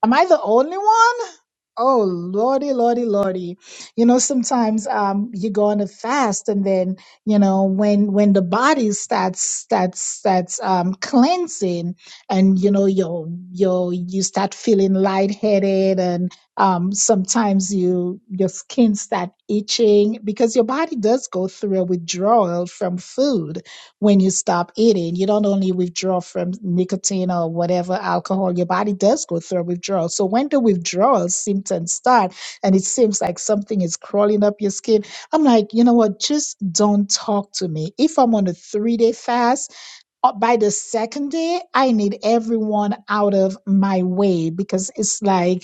Speaker 2: Am I the only one? Oh lordy, lordy, lordy. You know, sometimes um you go on a fast and then, you know, when when the body starts starts starts um cleansing and you know you you you start feeling lightheaded and um sometimes you your skin start itching because your body does go through a withdrawal from food when you stop eating. You don't only withdraw from nicotine or whatever alcohol, your body does go through a withdrawal. So when the withdrawal symptoms start and it seems like something is crawling up your skin, I'm like, you know what? Just don't talk to me. If I'm on a three day fast, uh, by the second day, I need everyone out of my way because it's like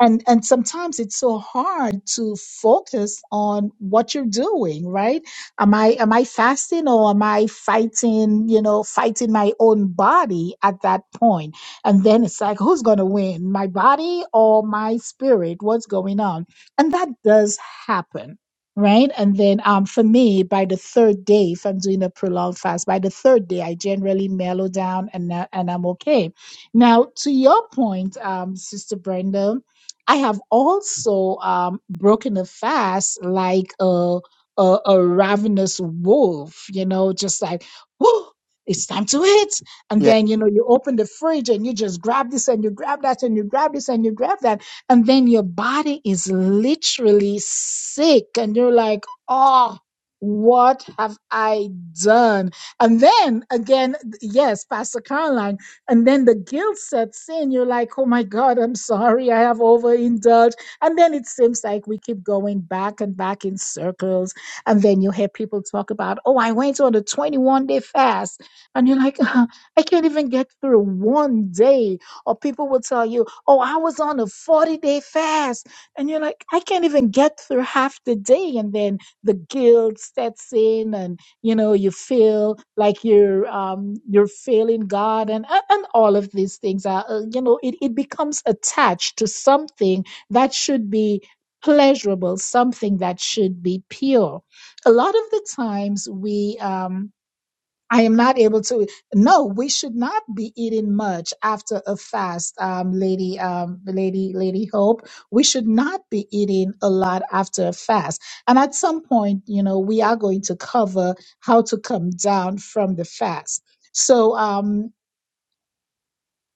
Speaker 2: and and sometimes it's so hard to focus on what you're doing right am i am i fasting or am i fighting you know fighting my own body at that point point? and then it's like who's going to win my body or my spirit what's going on and that does happen right and then um for me by the third day if i'm doing a prolonged fast by the third day i generally mellow down and I- and i'm okay now to your point um sister brenda I have also um, broken a fast like a, a a ravenous wolf, you know, just like whoo, it's time to eat. And
Speaker 3: yeah.
Speaker 2: then you know you open the fridge and you just grab this and you grab that and you grab this and you grab that, and then your body is literally sick, and you're like, oh. What have I done? And then again, yes, Pastor Caroline and then the guilt sets in. You're like, oh my God, I'm sorry, I have overindulged. And then it seems like we keep going back and back in circles. And then you hear people talk about, oh, I went on a 21 day fast. And you're like, "Uh, I can't even get through one day. Or people will tell you, oh, I was on a 40 day fast. And you're like, I can't even get through half the day. And then the guilt sets in. And you know you feel like you're um, you're failing god and and all of these things are uh, you know it, it becomes attached to something that should be pleasurable something that should be pure a lot of the times we um, I am not able to. No, we should not be eating much after a fast, um, lady, um, lady, lady Hope. We should not be eating a lot after a fast. And at some point, you know, we are going to cover how to come down from the fast. So, um,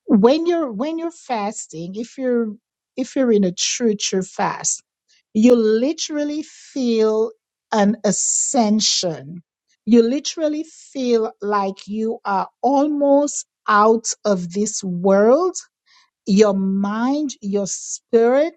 Speaker 2: when you're when you're fasting, if you're if you're in a true true fast you literally feel an ascension. You literally feel like you are almost out of this world your mind, your spirit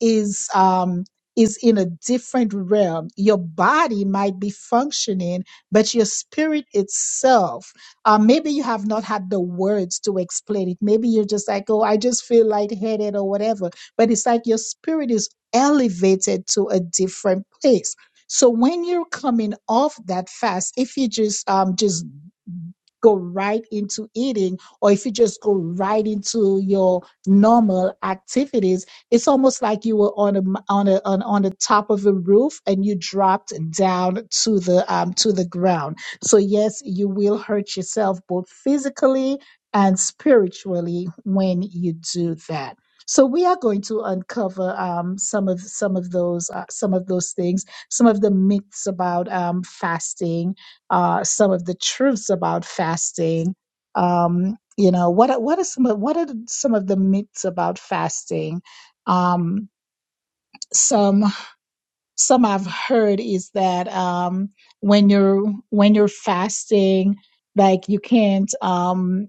Speaker 2: is um is in a different realm. Your body might be functioning, but your spirit itself, uh, maybe you have not had the words to explain it. Maybe you're just like, oh, I just feel lightheaded or whatever. But it's like your spirit is elevated to a different place. So when you're coming off that fast, if you just um, just go right into eating or if you just go right into your normal activities it's almost like you were on a on a on, on the top of a roof and you dropped down to the um to the ground so yes you will hurt yourself both physically and spiritually when you do that so we are going to uncover um, some of some of those uh, some of those things some of the myths about um, fasting uh, some of the truths about fasting. Um, you know, what are- what are some of, what are some of the myths about fasting? Um, some some I've heard is that um, when you're when you're fasting, like you can't. Um,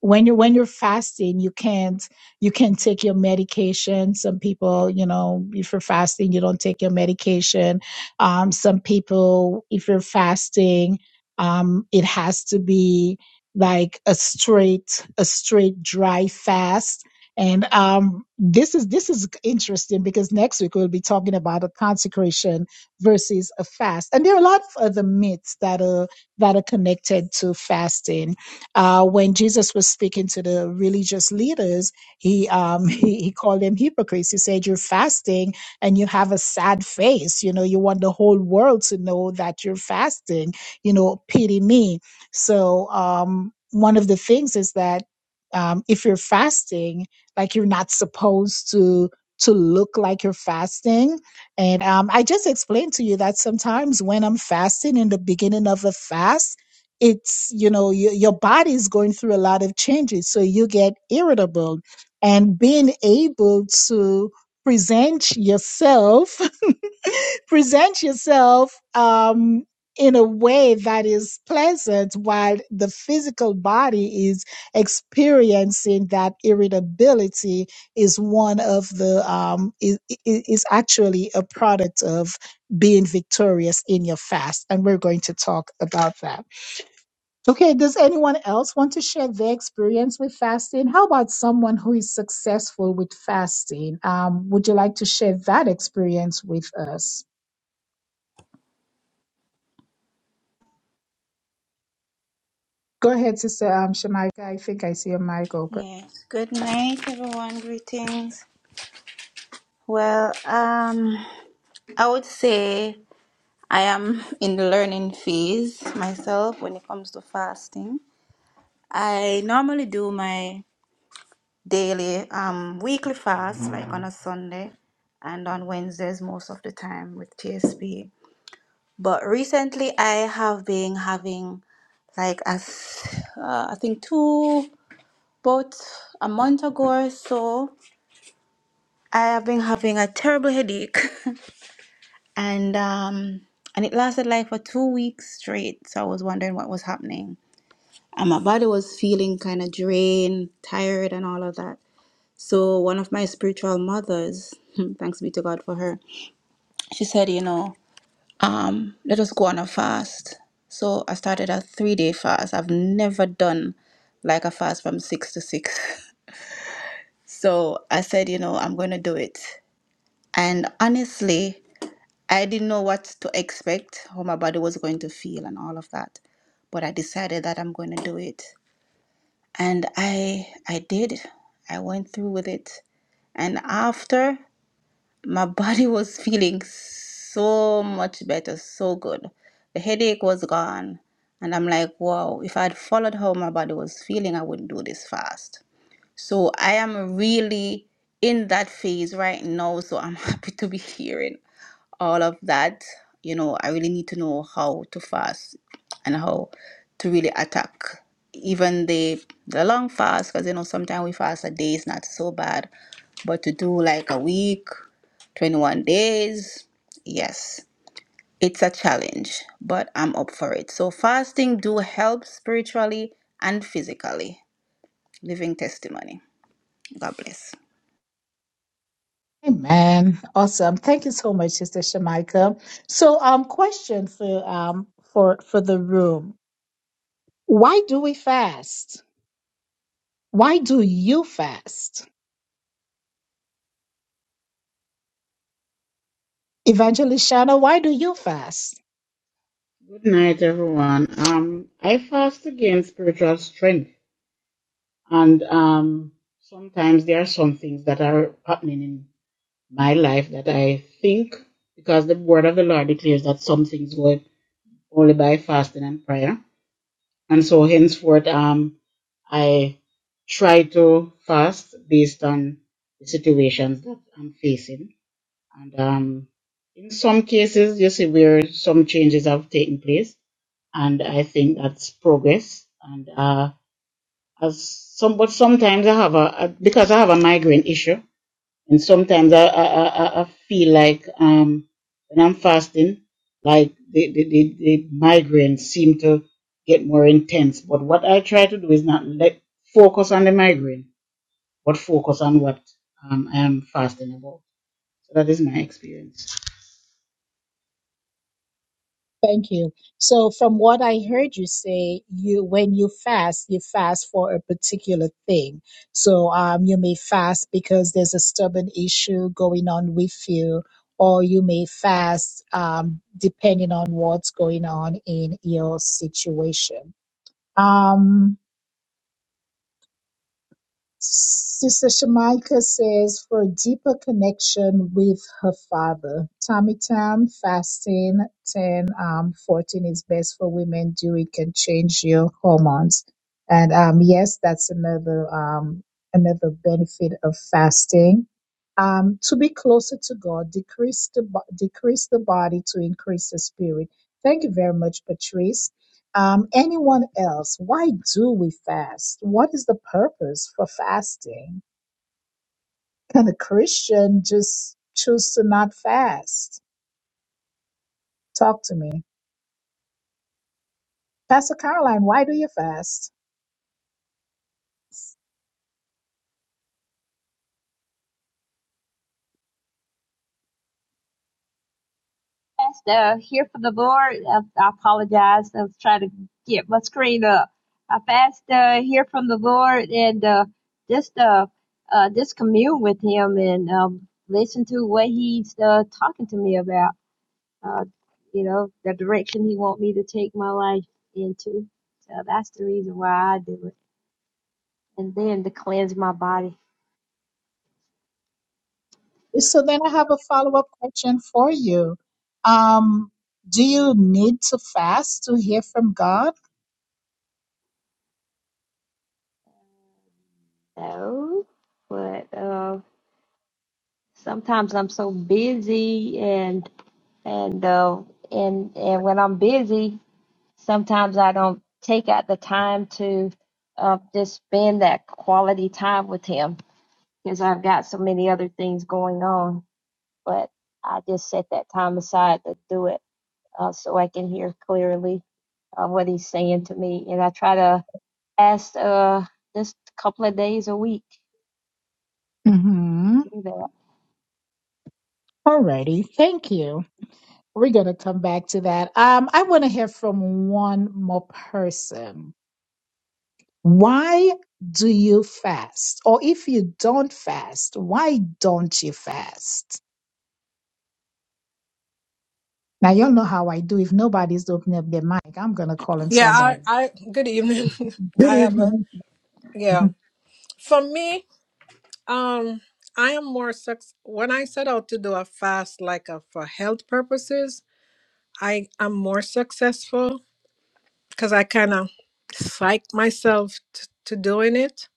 Speaker 2: when you're when you're fasting you can't you can't take your medication some people you know if you're fasting you don't take your medication um some people if you're fasting um it has to be like a straight a straight dry fast and um this is this is interesting because next week we'll be talking about a consecration versus a fast and there are a lot of other myths that are that are connected to fasting uh, when Jesus was speaking to the religious leaders, he, um, he he called them hypocrites. He said, "You're fasting and you have a sad face. You know, you want the whole world to know that you're fasting. You know, pity me." So um, one of the things is that um, if you're fasting, like you're not supposed to to look like you're fasting. And um, I just explained to you that sometimes when I'm fasting in the beginning of a fast it's you know your, your body is going through a lot of changes so you get irritable and being able to present yourself present yourself um in a way that is pleasant while the physical body is experiencing that irritability is one of the um is, is is actually a product of being victorious in your fast and we're going to talk about that Okay, does anyone else want to share their experience with fasting? How about someone who is successful with fasting? Um, would you like to share that experience with us? Go ahead, Sister um, Shemaika. I think I see your mic open.
Speaker 6: Yeah. Good night, everyone. Greetings. Well, um, I would say. I am in the learning phase myself when it comes to fasting. I normally do my daily, um, weekly fast, like on a Sunday and on Wednesdays most of the time with TSP. But recently I have been having like as uh, I think two about a month ago or so, I have been having a terrible headache, and um, and it lasted like for two weeks straight. So I was wondering what was happening and my body was feeling kind of drained, tired, and all of that. So one of my spiritual mothers, thanks be to God for her, she said, you know, um, let us go on a fast. So I started a three day fast. I've never done like a fast from six to six. So I said, you know, I'm going to do it. And honestly, I didn't know what to expect, how my body was going to feel, and all of that. But I decided that I'm going to do it. and I I did. I went through with it. And after my body was feeling so much better, so good. The headache was gone. And I'm like, wow, if I'd followed how my body was feeling, I wouldn't do this fast. So I am really in that phase right now. So I'm happy to be hearing all of that, you know, I really need to know how to fast and how to really attack even the the long fast because you know sometimes we fast a day is not so bad, but to do like a week, 21 days, yes, it's a challenge, but I'm up for it. So fasting do help spiritually and physically. Living testimony. God bless.
Speaker 2: Amen. Awesome. Thank you so much, Sister Shemaika. So, um, question for um for for the room: Why do we fast? Why do you fast, Evangelist Shanna? Why do you fast?
Speaker 7: Good night, everyone. Um, I fast against spiritual strength. And um, sometimes there are some things that are happening in my life that I think, because the word of the Lord declares that some things go only by fasting and prayer. And so henceforth, um, I try to fast based on the situations that I'm facing. And um, in some cases, you see where some changes have taken place. And I think that's progress. And uh, as some, but sometimes I have a, a because I have a migraine issue, and sometimes I I, I, I I feel like um when I'm fasting, like the, the the the migraines seem to get more intense. But what I try to do is not let focus on the migraine, but focus on what um, I am fasting about. So that is my experience.
Speaker 2: Thank you. So, from what I heard you say, you when you fast, you fast for a particular thing. So, um, you may fast because there's a stubborn issue going on with you, or you may fast um, depending on what's going on in your situation. Um, Sister Shamika says for a deeper connection with her father. Tommy Tam fasting 10 um 14 is best for women. Do it can change your hormones. And um yes, that's another um another benefit of fasting. Um, to be closer to God, decrease the bo- decrease the body to increase the spirit. Thank you very much, Patrice. Um, anyone else, why do we fast? What is the purpose for fasting? Can a Christian just choose to not fast? Talk to me. Pastor Caroline, why do you fast?
Speaker 9: Yes, uh, here for the Lord. I, I apologize. I was trying to get my screen up. I fast uh, hear from the Lord and uh, just uh, uh, just commune with Him and um, listen to what He's uh, talking to me about. Uh, you know, the direction He want me to take my life into. So that's the reason why I do it. And then to cleanse my body.
Speaker 2: So then I have a follow up question for you. Um, do you need to fast to hear from God?
Speaker 9: So, but uh, sometimes I'm so busy and and uh, and and when I'm busy, sometimes I don't take out the time to uh, just spend that quality time with him because I've got so many other things going on. But I just set that time aside to do it uh, so I can hear clearly uh, what he's saying to me, and I try to ask uh, just a couple of days a week.
Speaker 2: Mm-hmm. Alrighty, thank you. We're gonna come back to that. Um, I want to hear from one more person. Why do you fast? Or if you don't fast, why don't you fast? Now, you all know how I do. If nobody's opening up their mic, I'm going to call on
Speaker 12: Yeah, I,
Speaker 2: somebody.
Speaker 12: I good evening.
Speaker 2: Good
Speaker 12: I have a
Speaker 2: evening.
Speaker 12: yeah. For me, um, I am more suc. when I set out to do a fast like a, for health purposes, I am more successful because I kind of psych myself t- to doing it.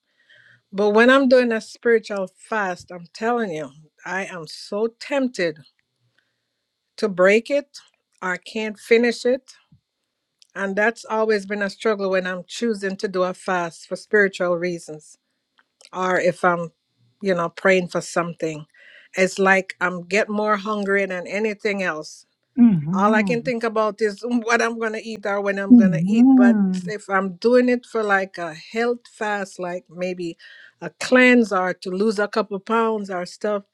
Speaker 12: But when I'm doing a spiritual fast, I'm telling you, I am so tempted to break it. I can't finish it. And that's always been a struggle when I'm choosing to do a fast for spiritual reasons or if I'm, you know, praying for something. It's like I'm get more hungry than anything else. All I can
Speaker 2: Mhm. Mhm.
Speaker 12: think about is what I'm gonna eat or when I'm gonna eat. But
Speaker 2: Mhm.
Speaker 12: if I'm doing it for like a health fast, like maybe a cleanse or to lose a couple pounds or stuff,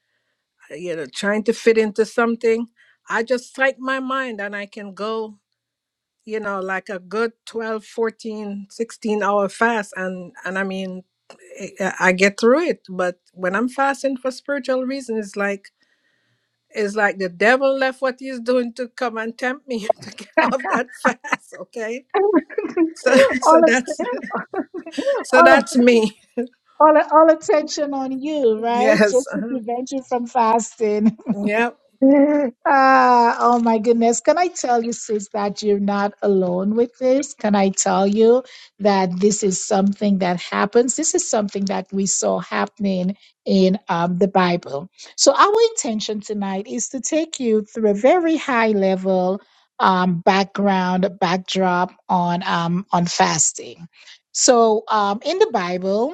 Speaker 12: you know, trying to fit into something, I just psych my mind and I can go you know like a good twelve, fourteen, sixteen hour fast and and i mean i I get through it but when i'm fasting for spiritual reasons it's like it's like the devil left what he's doing to come and tempt me to get off that fast okay so so
Speaker 2: all att-
Speaker 12: that's so
Speaker 2: all
Speaker 12: that's me
Speaker 2: all all attention on you, right?
Speaker 12: yes
Speaker 2: Just to
Speaker 12: uh-huh.
Speaker 2: prevent you from fasting.
Speaker 12: Yep.
Speaker 2: Ah, oh my goodness. Can I tell you, sis, that you're not alone with this? Can I tell you that this is something that happens? This is something that we saw happening in um, the Bible. So, our intention tonight is to take you through a very high level um, background, backdrop on, um, on fasting. So, um, in the Bible,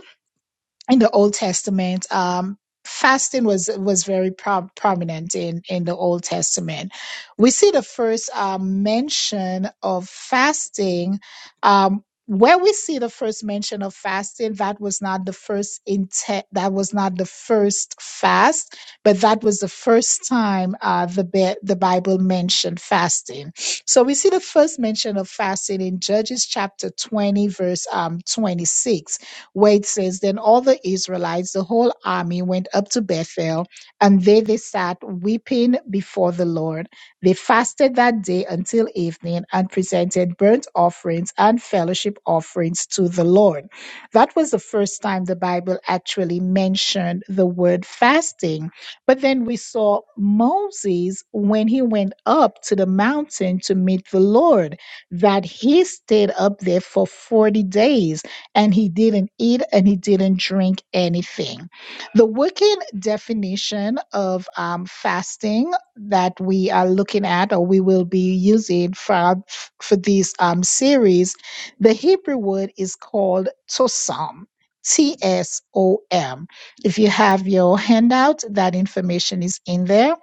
Speaker 2: in the Old Testament, um, fasting was was very pro- prominent in in the Old Testament. We see the first um, mention of fasting. Um, where we see the first mention of fasting, that was not the first intent. That was not the first fast, but that was the first time uh, the Bi- the Bible mentioned fasting. So we see the first mention of fasting in Judges chapter twenty, verse um, twenty six where it says, Then all the Israelites, the whole army, went up to Bethel, and there they sat weeping before the Lord. They fasted that day until evening and presented burnt offerings and fellowship offerings to the Lord. That was the first time the Bible actually mentioned the word fasting. But then we saw Moses when he went up to the mountain to meet the Lord, that he stayed up there for 40 days and he didn't eat and he didn't drink anything. The working definition of um, fasting that we are looking at or we will be using for, for this um, series, the Hebrew word is called tosam. T S O M. If you have your handout, that information is in there.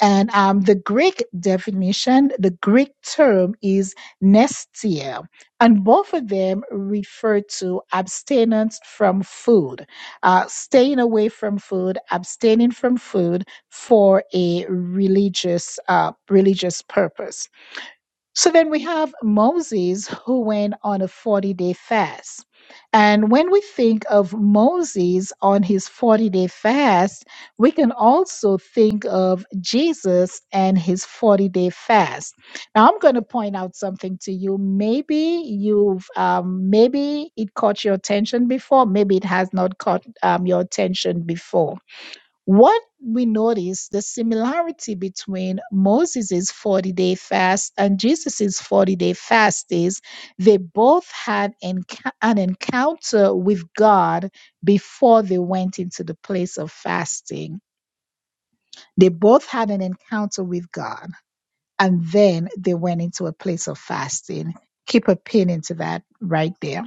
Speaker 2: And um, the Greek definition, the Greek term is nestia and both of them refer to abstinence from food, uh, staying away from food, abstaining from food for a religious uh, religious purpose. So then we have Moses who went on a 40 day fast. And when we think of Moses on his 40 day fast, we can also think of Jesus and his 40 day fast. Now, I'm going to point out something to you. Maybe you've, um, maybe it caught your attention before, maybe it has not caught um, your attention before. What we notice the similarity between Moses' 40 day fast and Jesus' 40 day fast is they both had enc- an encounter with God before they went into the place of fasting. They both had an encounter with God and then they went into a place of fasting. Keep a pin into that right there.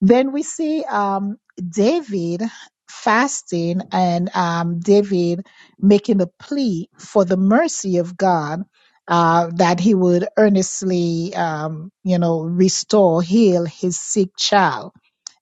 Speaker 2: Then we see um, David fasting and um, David making a plea for the mercy of God uh, that he would earnestly, um, you know, restore, heal his sick child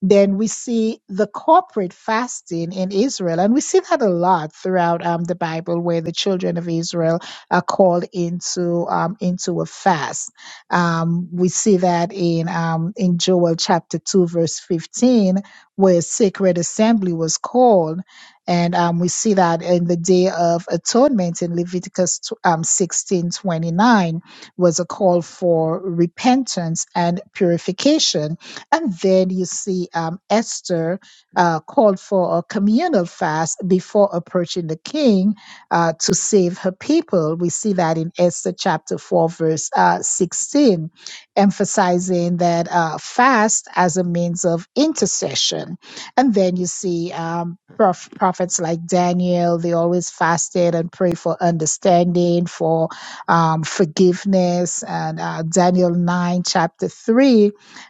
Speaker 2: then we see the corporate fasting in Israel, and we see that a lot throughout um, the Bible, where the children of Israel are called into um, into a fast. Um, we see that in um, in Joel chapter two, verse fifteen, where a sacred assembly was called. And um, we see that in the Day of Atonement in Leviticus tw- um, 16 twenty-nine was a call for repentance and purification and then you see um, Esther uh, called for a communal fast before approaching the king uh, to save her people. We see that in Esther chapter 4, verse uh, 16, emphasizing that uh, fast as a means of intercession. And then you see um, prof- prophets like Daniel, they always fasted and prayed for understanding, for um, forgiveness. And uh, Daniel 9, chapter 3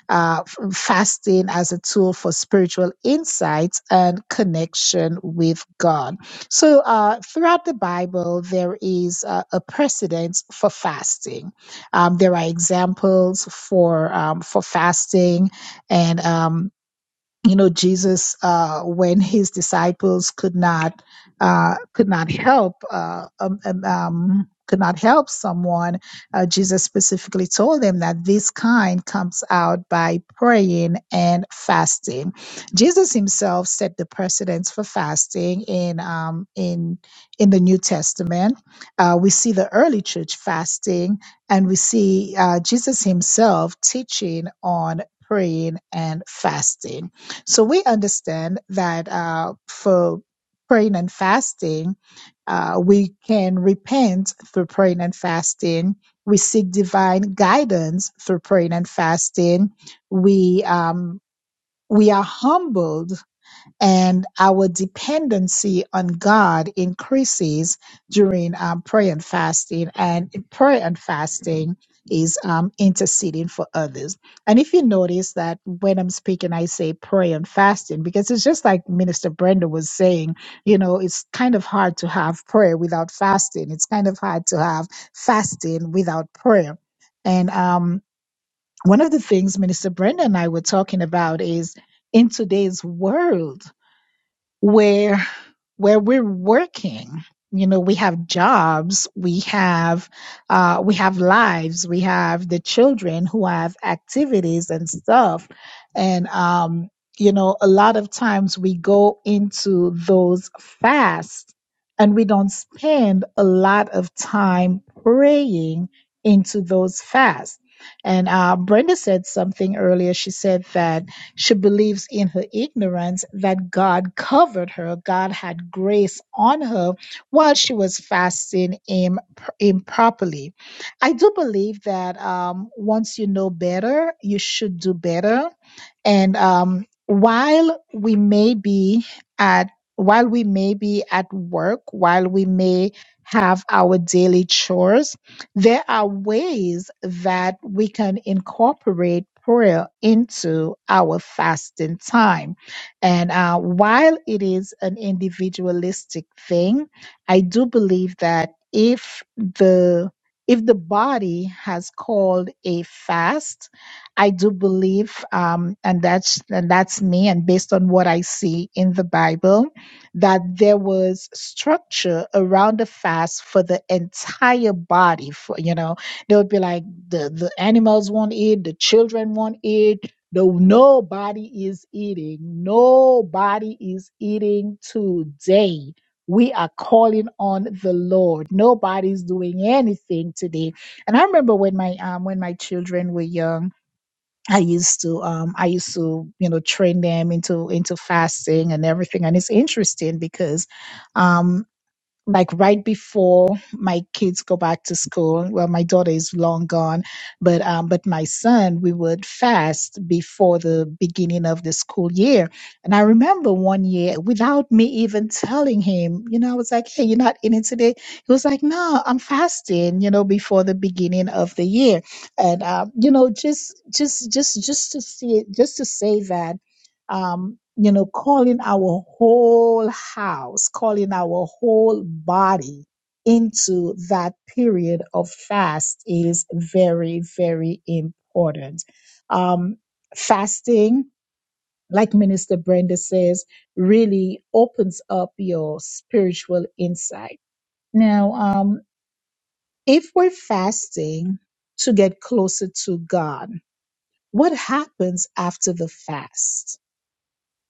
Speaker 2: uh, fasting as a tool for spiritual insights and connection with God. So, uh, throughout the Bible, there is uh, a precedent for fasting. Um, there are examples for um, for fasting, and um, you know jesus uh, when his disciples could not uh, could not help uh, um, um, um, could not help someone uh, jesus specifically told them that this kind comes out by praying and fasting jesus himself set the precedence for fasting in um, in in the new testament uh, we see the early church fasting and we see uh, jesus himself teaching on praying and fasting so we understand that uh, for praying and fasting, uh, we can repent through praying and fasting. We seek divine guidance through praying and fasting. We um, we are humbled and our dependency on God increases during um, prayer and fasting. And prayer and fasting is um, interceding for others. And if you notice that when I'm speaking, I say prayer and fasting because it's just like Minister Brenda was saying, you know, it's kind of hard to have prayer without fasting, it's kind of hard to have fasting without prayer. And um, one of the things Minister Brenda and I were talking about is in today's world where where we're working you know we have jobs we have uh, we have lives we have the children who have activities and stuff and um, you know a lot of times we go into those fasts and we don't spend a lot of time praying into those fasts and uh, brenda said something earlier she said that she believes in her ignorance that God covered her, God had grace on her while she was fasting im- improperly. I do believe that um, once you know better, you should do better. And um, while we may be at while we may be at work, while we may have our daily chores, there are ways that we can incorporate prayer into our fasting time. And uh, while it is an individualistic thing, I do believe that if the if the body has called a fast, I do believe, um, and that's and that's me, and based on what I see in the Bible, that there was structure around the fast for the entire body. For you know, they would be like the the animals won't eat, the children won't eat. No, nobody is eating. Nobody is eating today. We are calling on the Lord. Nobody's doing anything today. And I remember when my um when my children were young I used to um I used to you know train them into into fasting and everything and it's interesting because um like right before my kids go back to school. Well, my daughter is long gone, but um, but my son, we would fast before the beginning of the school year. And I remember one year, without me even telling him, you know, I was like, "Hey, you're not eating today." He was like, "No, I'm fasting," you know, before the beginning of the year. And um, you know, just just just just to see it, just to say that um, you know, calling our whole house, calling our whole body into that period of fast is very, very important. Um, fasting, like Minister Brenda says, really opens up your spiritual insight. Now, um, if we're fasting to get closer to God, what happens after the fast?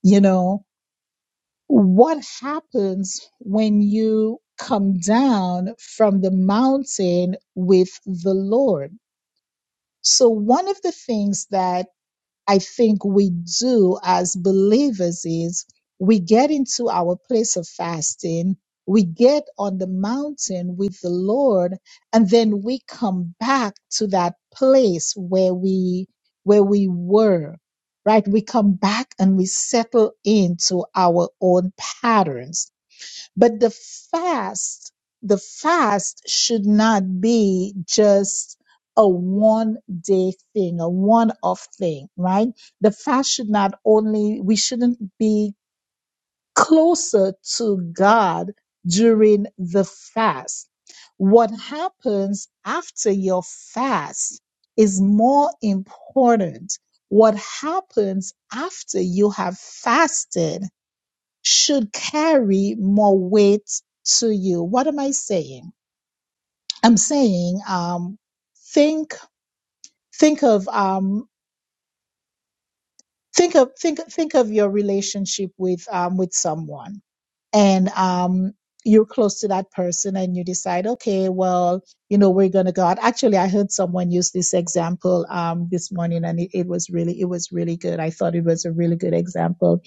Speaker 2: You know, What happens when you come down from the mountain with the Lord? So, one of the things that I think we do as believers is we get into our place of fasting, we get on the mountain with the Lord, and then we come back to that place where we where we were. Right? We come back and we settle into our own patterns but the fast, the fast should not be just a one day thing, a one off thing, right? The fast should not only, we shouldn't be closer to God during the fast. What happens after your fast is more important. What happens after you have fasted should carry more weight to you. What am I saying? I'm saying um, think think of um, think of think think of your relationship with um, with someone, and um, you're close to that person, and you decide, okay, well, you know, we're gonna go out. Actually, I heard someone use this example um, this morning, and it, it was really it was really good. I thought it was a really good example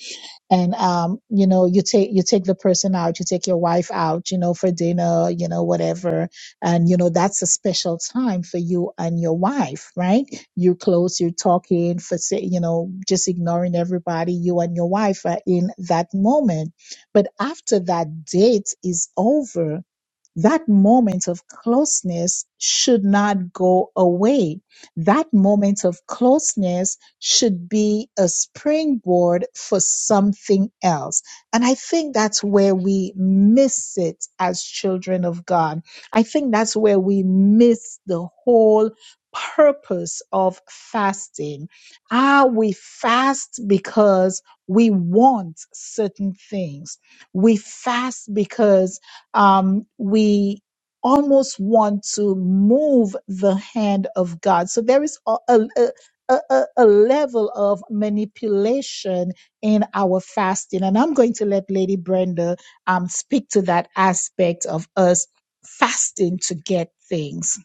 Speaker 2: and um, you know you take you take the person out you take your wife out you know for dinner you know whatever and you know that's a special time for you and your wife right you're close you're talking for say you know just ignoring everybody you and your wife are in that moment but after that date is over that moment of closeness should not go away. That moment of closeness should be a springboard for something else. And I think that's where we miss it as children of God. I think that's where we miss the whole purpose of fasting. Are we fast because we want certain things? We fast because um, we almost want to move the hand of God. So there is a, a, a, a a level of manipulation in our fasting. And I'm going to let Lady Brenda um, speak to that aspect of us fasting to get things.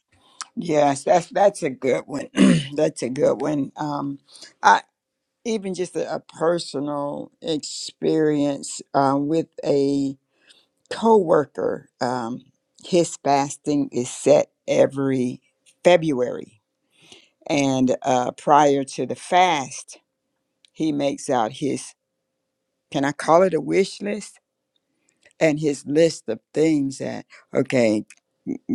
Speaker 3: Yes, that's that's a good one. that's a good one. Um, I. even just a, a personal experience um, with a coworker. Um, his fasting is set every February, and uh, prior to the fast, he makes out his can I call it a wish list and his list of things that okay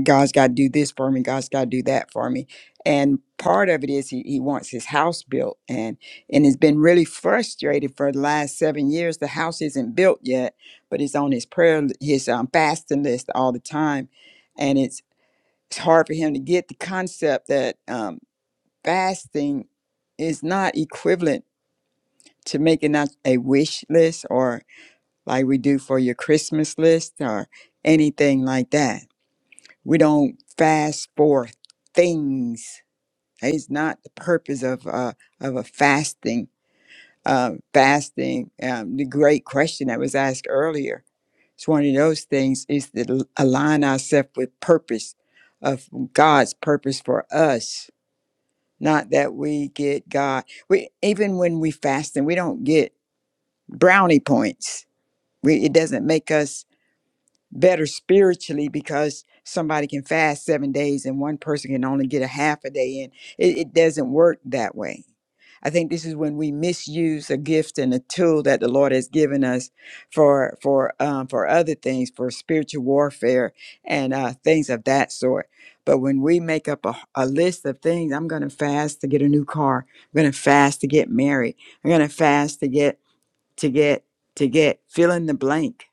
Speaker 3: God's got to do this for me. God's got to do that for me. And part of it is he, he wants his house built and and has been really frustrated for the last seven years. The house isn't built yet, but it's on his prayer, li- his um, fasting list all the time. And it's, it's hard for him to get the concept that um, fasting is not equivalent to making out a wish list or like we do for your Christmas list or anything like that we don't fast for things. That is not the purpose of uh, of a fasting. Uh, fasting, um, the great question that was asked earlier. It's one of those things is to l- align ourselves with purpose of God's purpose for us. Not that we get God. We even when we fasting, we don't get brownie points. We, it doesn't make us better spiritually because somebody can fast seven days and one person can only get a half a day in. It, it doesn't work that way. I think this is when we misuse a gift and a tool that the Lord has given us for for um, for other things, for spiritual warfare and uh, things of that sort. But when we make up a, a list of things, I'm going to fast to get a new car. I'm going to fast to get married. I'm going to fast to get to get to get fill in the blank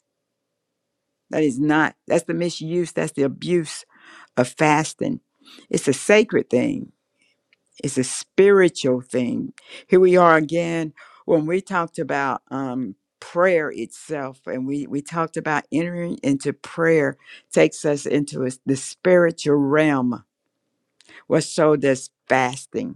Speaker 3: that is not, that's the misuse, that's the abuse of fasting. It's a sacred thing, it's a spiritual thing. Here we are again when we talked about um, prayer itself, and we, we talked about entering into prayer takes us into a s- the spiritual realm. Well, so does fasting.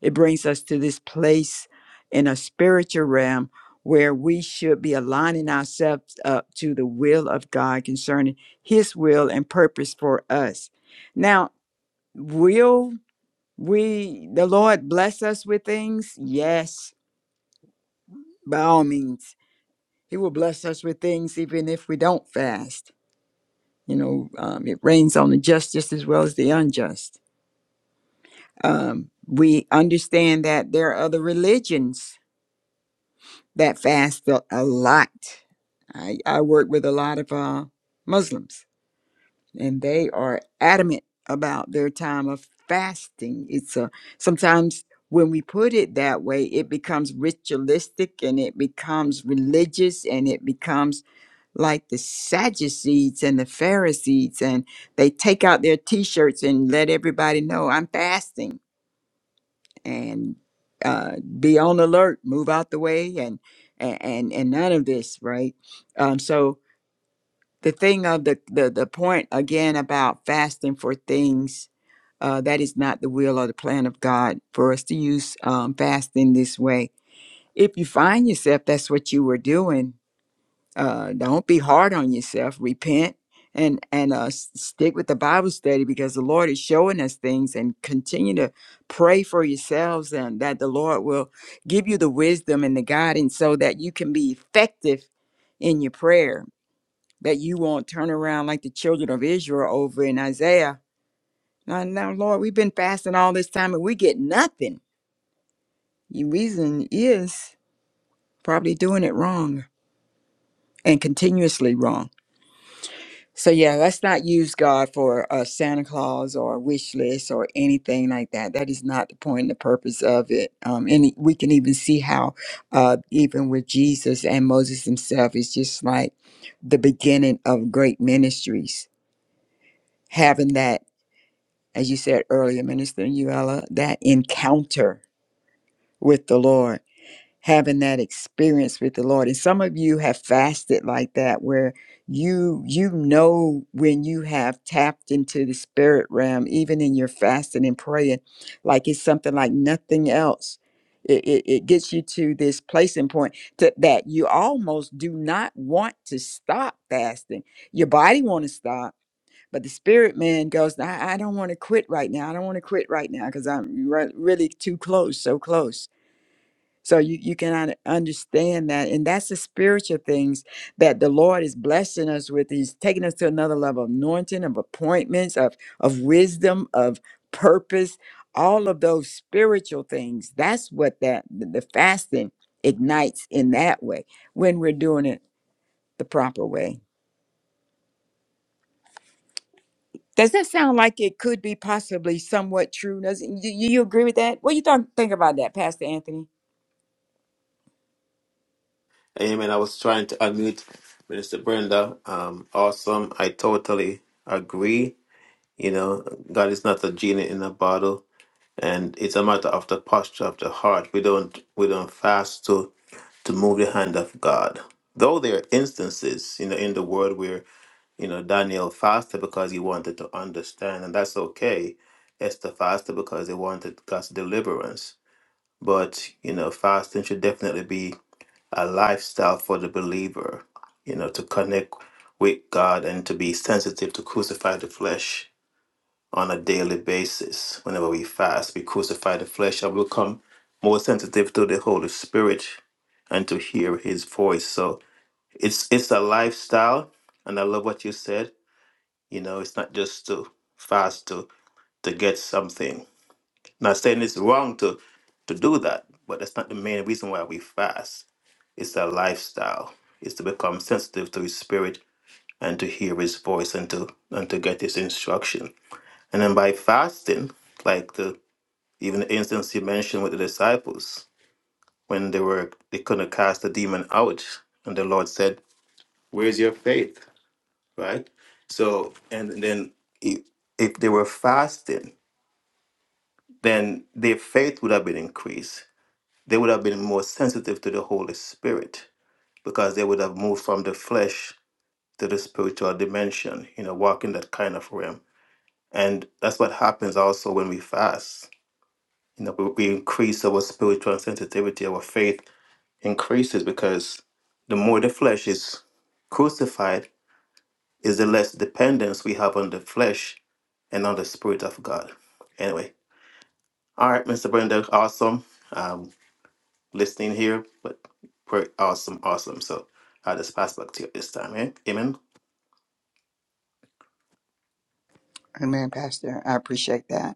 Speaker 3: It brings us to this place in a spiritual realm where we should be aligning ourselves up to the will of God concerning His will and purpose for us. Now, will we, the Lord, bless us with things? Yes, by all means. He will bless us with things even if we don't fast. You know, um, it rains on the just just as well as the unjust. Um, we understand that there are other religions That fast felt a lot. I, I work with a lot of uh, Muslims, and they are adamant about their time of fasting. It's a, sometimes when we put it that way, it becomes ritualistic and it becomes religious and it becomes like the Sadducees and the Pharisees, and they take out their t shirts and let everybody know I'm fasting and uh, be on alert, move out the way, and and and none of this, right? Um, so the thing of the the the point again about fasting for things uh, that is not the will or the plan of God for us to use um, fasting this way. If you find yourself that's what you were doing, uh, don't be hard on yourself. Repent and and uh, s- stick with the Bible study because the Lord is showing us things. And continue to pray for yourselves and that the Lord will give you the wisdom and the guidance so that you can be effective in your prayer. That you won't turn around like the children of Israel over in Isaiah. Now, now Lord, we've been fasting all this time and we get nothing. The reason is probably doing it wrong and continuously wrong. So yeah, let's not use God for a Santa Claus or a wish list or anything like that. That is not the point and the purpose of it. Um, and we can even see how, uh, even with Jesus and Moses himself, it's just like the beginning of great ministries. Having that, as you said earlier, Minister Uella, that encounter with the Lord having that experience with the Lord. And some of you have fasted like that where you you know when you have tapped into the spirit realm, even in your fasting and praying, like it's something like nothing else. It, it, it gets you to this placing point to, that you almost do not want to stop fasting. Your body want to stop, but the spirit man goes, I, I don't want to quit right now. I don't want to quit right now because I'm re- really too close, so close so you, you can un- understand that. And that's the spiritual things that the Lord is blessing us with. He's taking us to another level of anointing, of appointments, of, of wisdom, of purpose, all of those spiritual things. That's what that the the fasting ignites in that way when we're doing it the proper way. Does that sound like it could be possibly somewhat true? Does you, you agree with that? What do you th- think about that, Pastor Anthony?
Speaker 5: Amen. I was trying to unmute Minister Brenda. Um, awesome. I totally agree. You know, God is not a genie in a bottle, and it's a matter of the posture of the heart. We don't we don't fast to to move the hand of God. Though there are instances, you know, in the world where You know, Daniel fasted because he wanted to understand, and that's okay. Esther fasted because they wanted God's deliverance. But, you know, fasting should definitely be a lifestyle for the believer, you know, to connect with God and to be sensitive to crucify the flesh on a daily basis. Whenever we fast, we crucify the flesh and become more sensitive to the Holy Spirit and to hear his voice. So it's it's a lifestyle and I love what you said you know, it's not just to fast to to get something. Not saying it's wrong to to do that, but that's not the main reason why we fast. It's a lifestyle. It's to become sensitive to His Spirit and to hear His voice and to and to get His instruction. And then by fasting, like the even the instance you mentioned with the disciples when they were they couldn't cast the demon out, and the Lord said, "Where's your faith?" Right. So and then i- if they were fasting. then their faith would have been increased. They would have been more sensitive to the Holy Spirit because they would have moved from the flesh to the spiritual dimension, you know, walking that kind of realm. And that's what happens also when we fast. You know, we, we increase our spiritual sensitivity, our faith increases because the more the flesh is crucified, is the less dependence we have on the flesh and on the Spirit of God. Anyway, all right, Mr. Brenda, awesome. Um, listening here, but we're awesome, awesome. So I'll just pass back to you this time. Eh? Amen.
Speaker 3: Amen, Pastor. I appreciate that.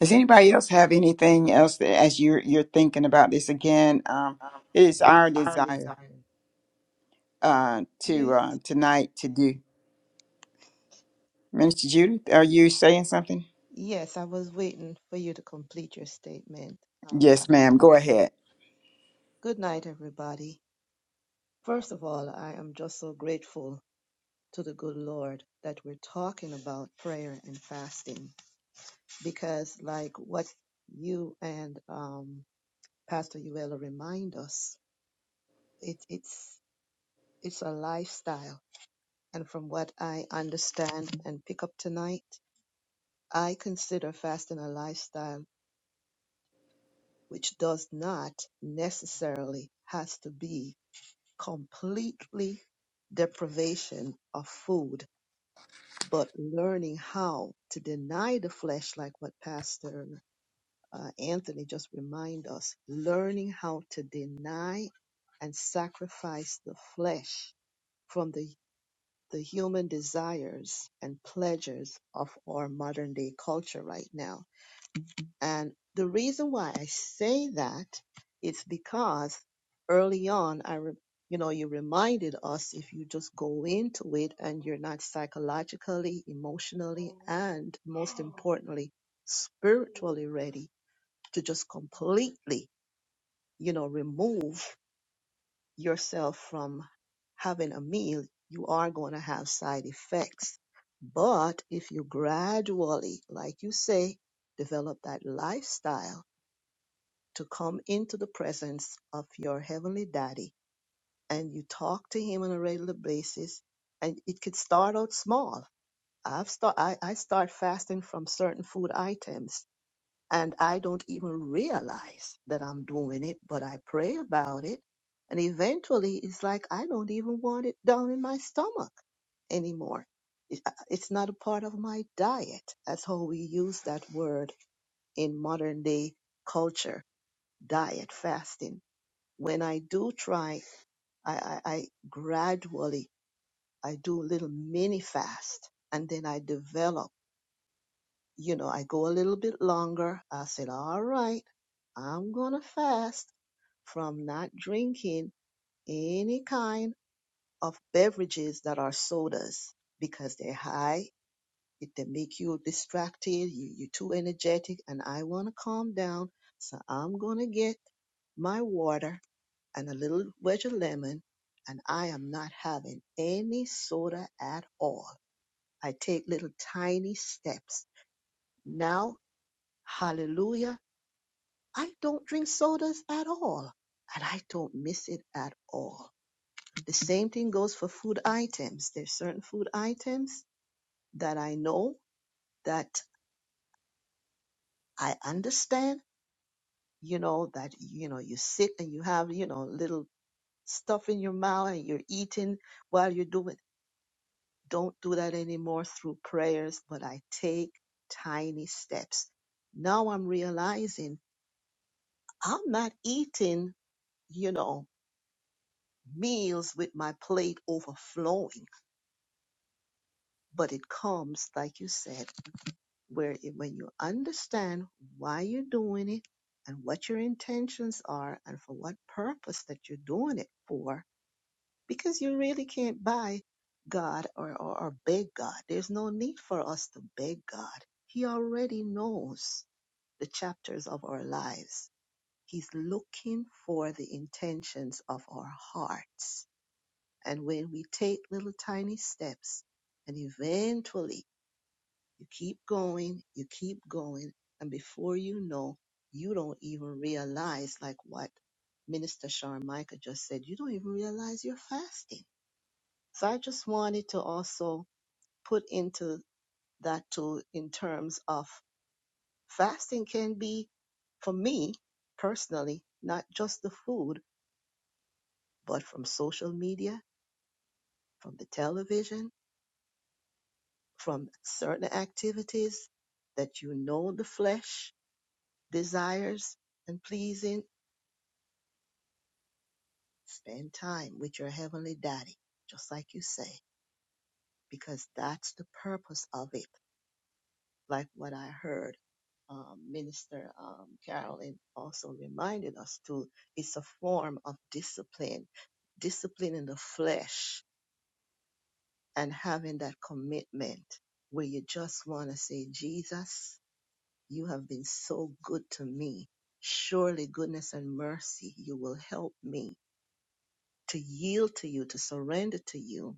Speaker 3: Does anybody else have anything else that, as you're you're thinking about this again? Um,
Speaker 4: Um,
Speaker 3: it is
Speaker 4: it's
Speaker 3: our
Speaker 4: our
Speaker 3: desire
Speaker 4: desire.
Speaker 3: uh,
Speaker 4: Yes,
Speaker 3: to uh, tonight to do. Minister Judith, are you saying something?
Speaker 4: yes, I was waiting for you to complete your statement. Um,
Speaker 3: Yes, ma'am. Go ahead.
Speaker 4: good night, everybody. First of all, I am just so grateful to the good Lord that we're talking about prayer and fasting because, like what you and um, Pastor Uella remind us, it, it's it's a lifestyle. And from what I understand and pick up tonight, I consider fasting a lifestyle which does not necessarily has to be completely deprivation of food, but learning how to deny the flesh, like what Pastor uh, Anthony just reminded us, learning how to deny and sacrifice the flesh from the the human desires and pleasures of our modern day culture right now And the reason why I say that is because early on, I, re- you know, you reminded us if you just go into it and you're not psychologically, emotionally, and most importantly, spiritually ready to just completely, you know, remove yourself from having a meal, you are going to have side effects. But if you gradually, like you say, develop that lifestyle, to come into the presence of your heavenly daddy and you talk to him on a regular basis and it could start out small i've start I, I start fasting from certain food items and i don't even realize that i'm doing it but i pray about it and eventually it's like i don't even want it down in my stomach anymore It- I- it's not a part of my diet that's how we use that word in modern day culture diet fasting when I do try, I, I, I gradually I do a little mini fast and then I develop. You know, I go a little bit longer. I said, all right, I'm gonna fast from not drinking any kind of beverages that are sodas because they're high. It, they make you distracted. You, you're too energetic, and I want to calm down. So I'm gonna get my water and a little wedge of lemon, and I am not having any soda at all. I take little tiny steps. Now, hallelujah, I don't drink sodas at all, and I don't miss it at all. The same thing goes for food items. There's certain food items that I know that I understand, you know, that, you know, you sit and you have, you know, little stuff in your mouth and you're eating while you're doing. don't do that anymore through prayers, but I take tiny steps. Now I'm realizing I'm not eating, you know, meals with my plate overflowing, but it comes, like you said, where it, when you understand why you're doing it and what your intentions are and for what purpose that you're doing it for, because you really can't buy God or, or, or beg God. There's no need for us to beg God. He already knows the chapters of our lives. He's looking for the intentions of our hearts. And when we take little tiny steps, and eventually you keep going, you keep going, and before you know, you don't even realize, like what Minister Shawn Michael just said, you don't even realize you're fasting so I just wanted to also put into that too in terms of fasting can be, for me personally, not just the food, but from social media, from the television, from certain activities that you know the flesh desires and pleasing. Spend time with your heavenly daddy, just like you say, because that's the purpose of it like what I heard um, Minister um, Carolyn also reminded us to, it's a form of discipline, discipline in the flesh and having that commitment where you just want to say, Jesus, you have been so good to me. Surely goodness and mercy, you will help me to yield to you, to surrender to you.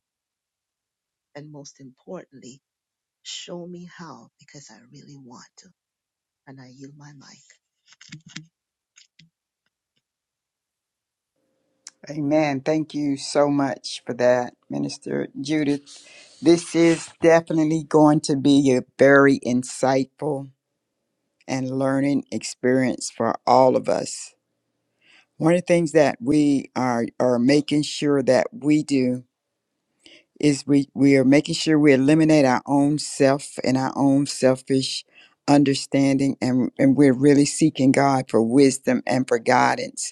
Speaker 4: And most importantly, show me how because I really want to. And I yield my mic.
Speaker 3: Amen. Thank you so much for that, Minister Judith. This is definitely going to be a very insightful and learning experience for all of us. One of the things that we are are making sure that we do is we we are making sure we eliminate our own self and our own selfish understanding and and we're really seeking God for wisdom and for guidance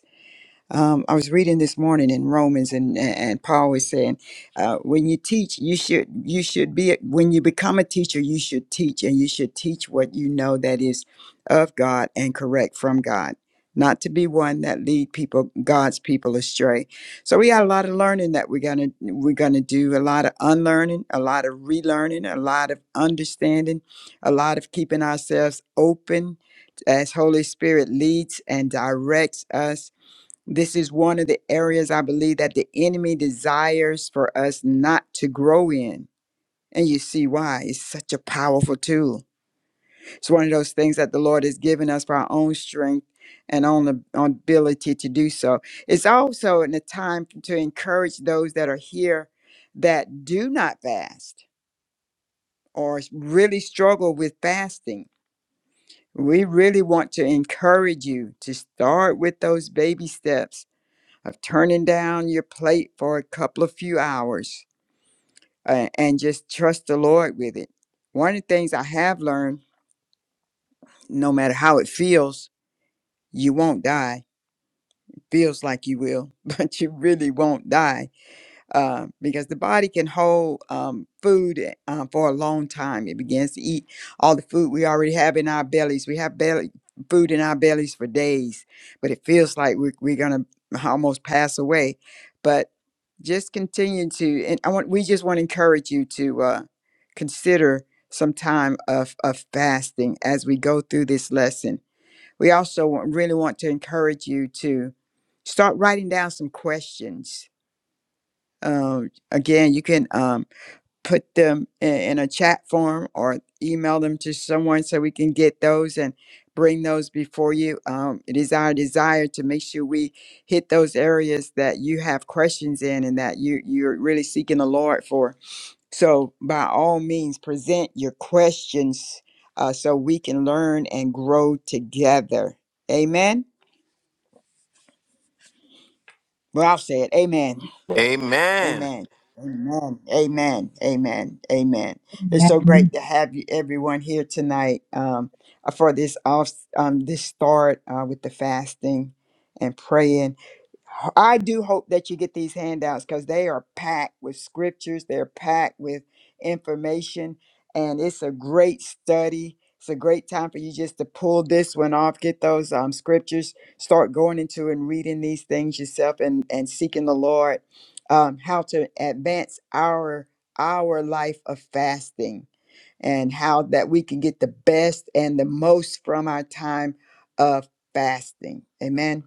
Speaker 3: um, I was reading this morning in Romans, and and Paul was saying, uh, when you teach, you should you should be when you become a teacher, you should teach, and you should teach what you know that is of God and correct from God, not to be one that lead people God's people astray. So we got a lot of learning that we're gonna we're gonna do, a lot of unlearning, a lot of relearning, a lot of understanding, a lot of keeping ourselves open as Holy Spirit leads and directs us this is one of the areas I believe that the enemy desires for us not to grow in. And you see why. It's such a powerful tool. It's one of those things that the Lord has given us for our own strength and own ab- own ability to do so. It's also in a time to encourage those that are here that do not fast or s- really struggle with fasting. We really want to encourage you to start with those baby steps of turning down your plate for a couple of few hours uh, and just trust the Lord with it. One of the things I have learned, no matter how it feels, you won't die. It feels like you will, but you really won't die uh, because the body can hold um, food eh, uh, for a long time. It begins to eat all the food we already have in our bellies. We have belly food in our bellies for days, but it feels like we're, we're gonna almost pass away. But just continue to, and I want we just want to encourage you to uh, consider some time of, of fasting as we go through this lesson. We also want, really want to encourage you to start writing down some questions um, again, you can um, put them in, in a chat form or email them to someone so we can get those and bring those before you. Um, it is our desire to make sure we hit those areas that you have questions in and that you you're really seeking the Lord for. So by all means, present your questions uh, so we can learn and grow together. Amen. Well, I'll say it. Amen.
Speaker 5: Amen.
Speaker 3: Amen. Amen. Amen. Amen. Amen. It's so great to have you, everyone, here tonight um, for this off, um, this start uh, with the fasting and praying. I do hope that you get these handouts because they are packed with scriptures, they're packed with information, and it's a great study. It's a great time for you just to pull this one off, get those um, scriptures, start going into and reading these things yourself, and and seeking the Lord, um, how to advance our our life of fasting, and how that we can get the best and the most from our time of fasting. Amen.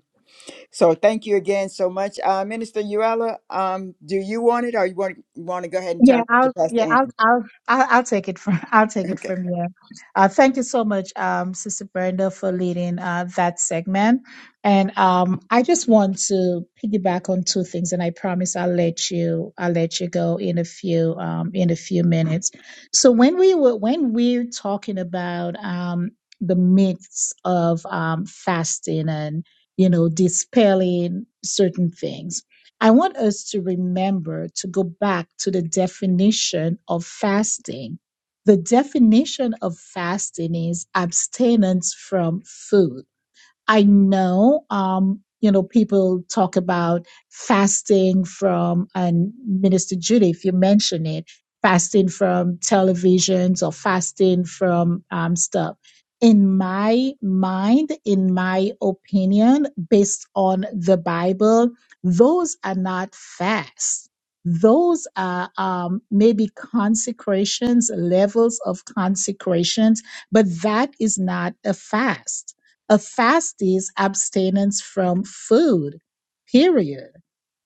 Speaker 3: So thank you again so much. Uh, Minister Uella, um, do you want it or you want, you want to go ahead and
Speaker 2: Yeah,
Speaker 3: turn it to
Speaker 2: I'll
Speaker 3: Pastor
Speaker 2: yeah, I'll
Speaker 3: Anthony?
Speaker 2: I'll I'll, I'll take it from I'll take it
Speaker 3: Okay.
Speaker 2: from you. Uh, thank you so much, um, Sister Brenda, for leading uh, that segment. And um, I just want to piggyback on two things, and I promise I'll let you I'll let you go in a few um, in a few minutes. So when we were when we're talking about um, the myths of um, fasting and you know dispelling certain things I want us to remember to go back to the definition of fasting. The definition of fasting is abstinence from food. I know, um, you know, people talk about fasting from, and Minister Judith, you mentioned it, fasting from televisions or fasting from um, stuff. In my mind, in my opinion, based on the Bible, those are not fasts. Those are um, maybe consecrations, levels of consecrations, but that is not a fast a fast is abstinence from food, period.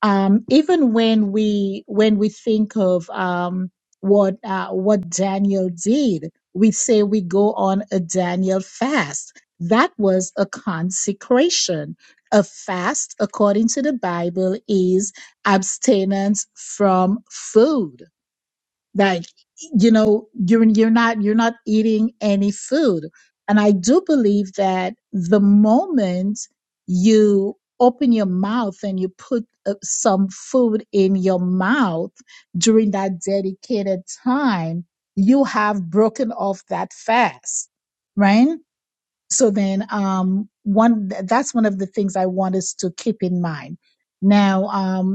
Speaker 2: Um, even when we when we think of um, what uh, what Daniel did, we say we go on a Daniel fast. That was a consecration. A fast, according to the Bible, is abstinence from food like you know you're you're not you're not eating any food and i do believe that the moment you open your mouth and you put uh, some food in your mouth during that dedicated time you have broken off that fast right so then um one that's one of the things i want us to keep in mind now um.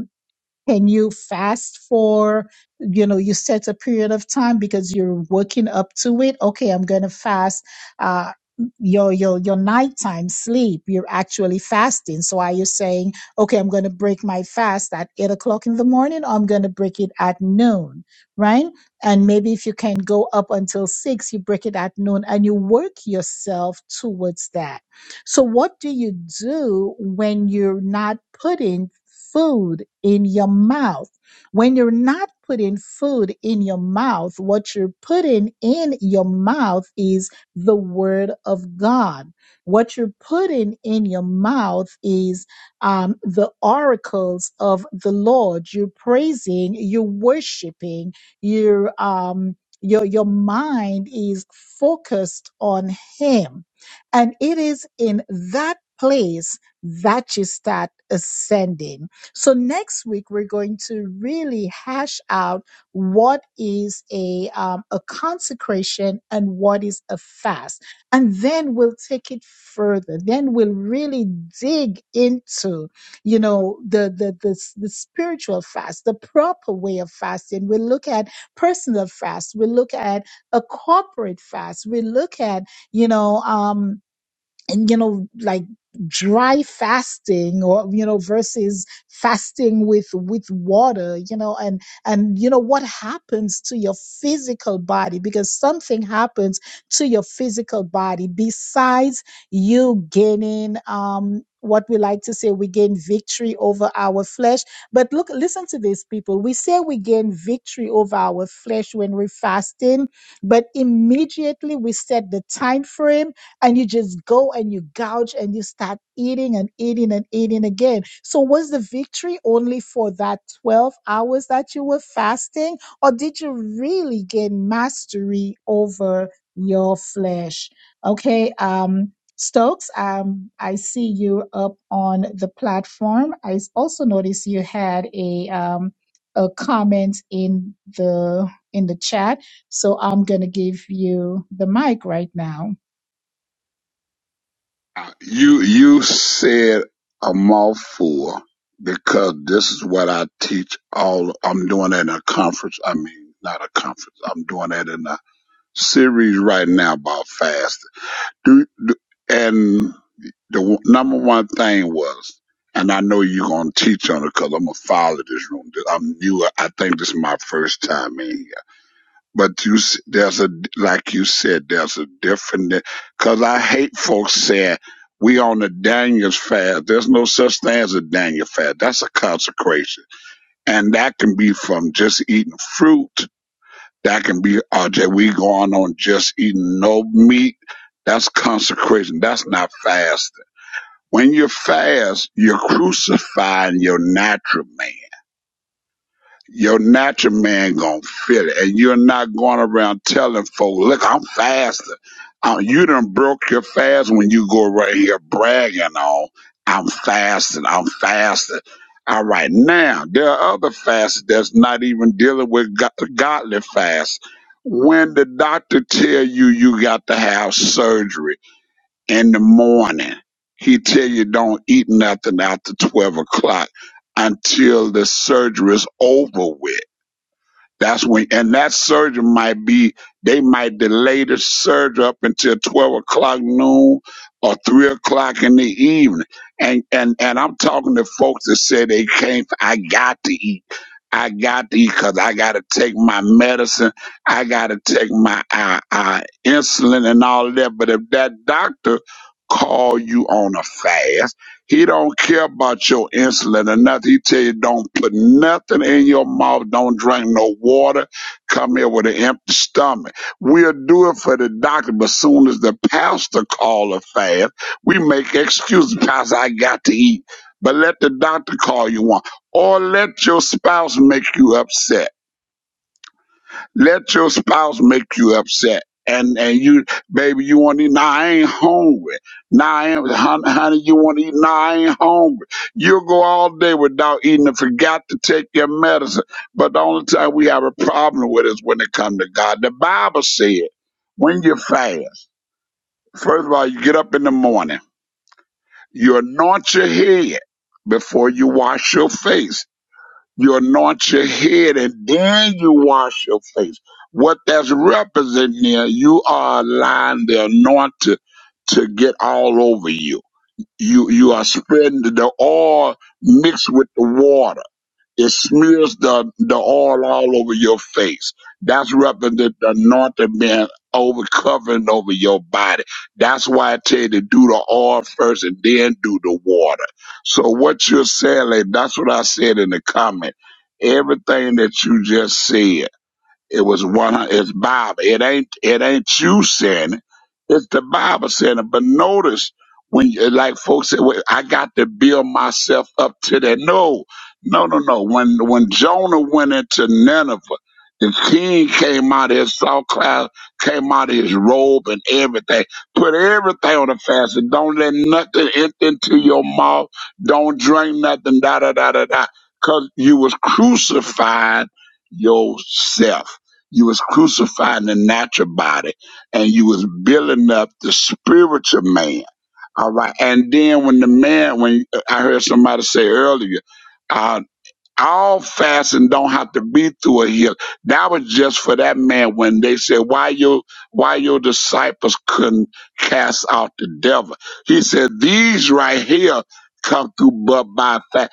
Speaker 2: Can you fast for, you know, you set a period of time because you're working up to it? Okay, I'm going to fast. Uh, your your your nighttime sleep you're actually fasting so are you saying okay i'm going to break my fast at eight o'clock in the morning or i'm going to break it at noon right and maybe if you can go up until six you break it at noon and you work yourself towards that so what do you do when you're not putting food in your mouth. When you're not putting food in your mouth, what you're putting in your mouth is the word of God. What you're putting in your mouth is um, the oracles of the Lord. You're praising, you're worshiping, you're um, your your mind is focused on Him, and it is in that place that you start ascending. So next week we're going to really hash out what is a um, a consecration and what is a fast, and then we'll take it further. Then we'll really dig into, you know, the the the, s- the spiritual fast, the proper way of fasting. We'll look at personal fast. We'll look at a corporate fast. We look at, you know. Um, and you know like dry fasting or you know versus fasting with with water you know and and you know what happens to your physical body because something happens to your physical body besides you gaining um what we like to say we gain victory over our flesh but look listen to this people we say we gain victory over our flesh when we're fasting but immediately we set the time frame and you just go and you gouge and you start eating and eating and eating again. So, was the victory only for that 12 hours that you were fasting, or did you really gain mastery over your flesh? Okay, um, Stokes, um, I see you up on the platform. I s- also noticed you had a um, a comment in the in the chat, so I'm gonna give you the mic right now.
Speaker 13: You you said a mouthful because this is what I teach all I'm doing it in a conference. I mean not a conference. I'm doing it in a series right now about fasting. Do, do and the w- number one thing was and I know you're gonna teach on it because I'm gonna follow this room. I'm new. I think this is my first time in here. But you, s- there's a like you said, there's a different. Because I hate folks saying we on the Daniel's fast. There's no such thing as a Daniel fast. That's a consecration, and that can be from just eating fruit. That can be uh, that we going on just eating no meat. That's consecration. That's not fasting. When you fast, you're crucifying your natural man. Your natural man gonna feel it, and you're not going around telling folk, "Look, I'm faster." Uh, you done broke your fast when you go right here bragging on, "I'm fasting, I'm fasting." All right, now there are other fasts that's not even dealing with go- godly fast. When the doctor tell you you got to have surgery in the morning, he tell you don't eat nothing after twelve o'clock until the surgery is over with that's when, and that surgery might be, they might delay the surgery up until 12 o'clock noon or 3 o'clock in the evening. And, and, and I'm talking to folks that say they can't, I got to eat. I got to eat because I got to take my medicine. I got to take my uh, uh, insulin and all that. But if that doctor call you on a fast, he don't care about your insulin or nothing. He tell you don't put nothing in your mouth. Don't drink no water. Come here with an empty stomach. We'll do it for the doctor, but soon as the pastor call a fast, we make excuses. Pastor, I got to eat. But let the doctor call you one, or let your spouse make you upset. Let your spouse make you upset. And and you, baby, you want to eat? Nah, I ain't hungry. Nah, I ain't, hon- honey, you want to eat? Nah, I ain't hungry. You'll go all day without eating and forgot to take your medicine. But the only time we have a problem with is when it comes to God. The Bible said, when you fast, first of all, you get up in the morning, you anoint your head before you wash your face you anoint your head and then you wash your face. What that's representing here, you are allowing the anointing to get all over you. You you are spreading the oil mixed with the water it smears the, the oil all over your face. That's representing the anointing being over covering over your body. That's why I tell you to do the oil first and then do the water. So what you're saying, like, that's what I said in the comment. Everything that you just said. It was one. hun- It's Bible. It ain't. It ain't you saying it. It's the Bible saying it. But notice when, you, like folks say, well, I got to build myself up to that. No, no, no, no. When when Jonah went into Nineveh, the king came out of his saw cloud, came out of his robe and everything. Put everything on the fast and don't let nothing enter into your mouth. Don't drink nothing. Da da da da da. Cause you was crucified yourself you was crucifying the natural body and you was building up the spiritual man. All right. And then when the man, when uh, I heard somebody say earlier, uh. All fasting don't have to be through a hill. That was just for that man when they said, "Why your why your disciples couldn't cast out the devil?" He said, "These right here come through, but by fast."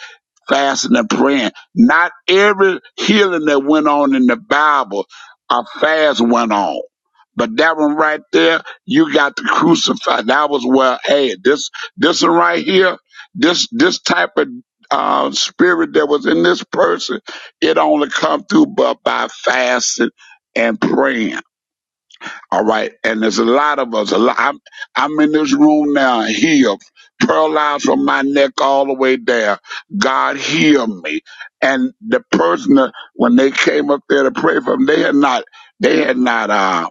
Speaker 13: fasting and praying. Not every healing that went on in the Bible, a fast went on. But that one right there, you got to crucify. That was where, hey, this, this one right here, this, this type of uh, spirit that was in this person, it only come through but by fasting and praying. All right. And there's a lot of us. A lot, I'm, I'm in this room now, healed, paralyzed from my neck all the way down. God heal me. And the person, that- when they came up there to pray for him, they had not, they had not, uh,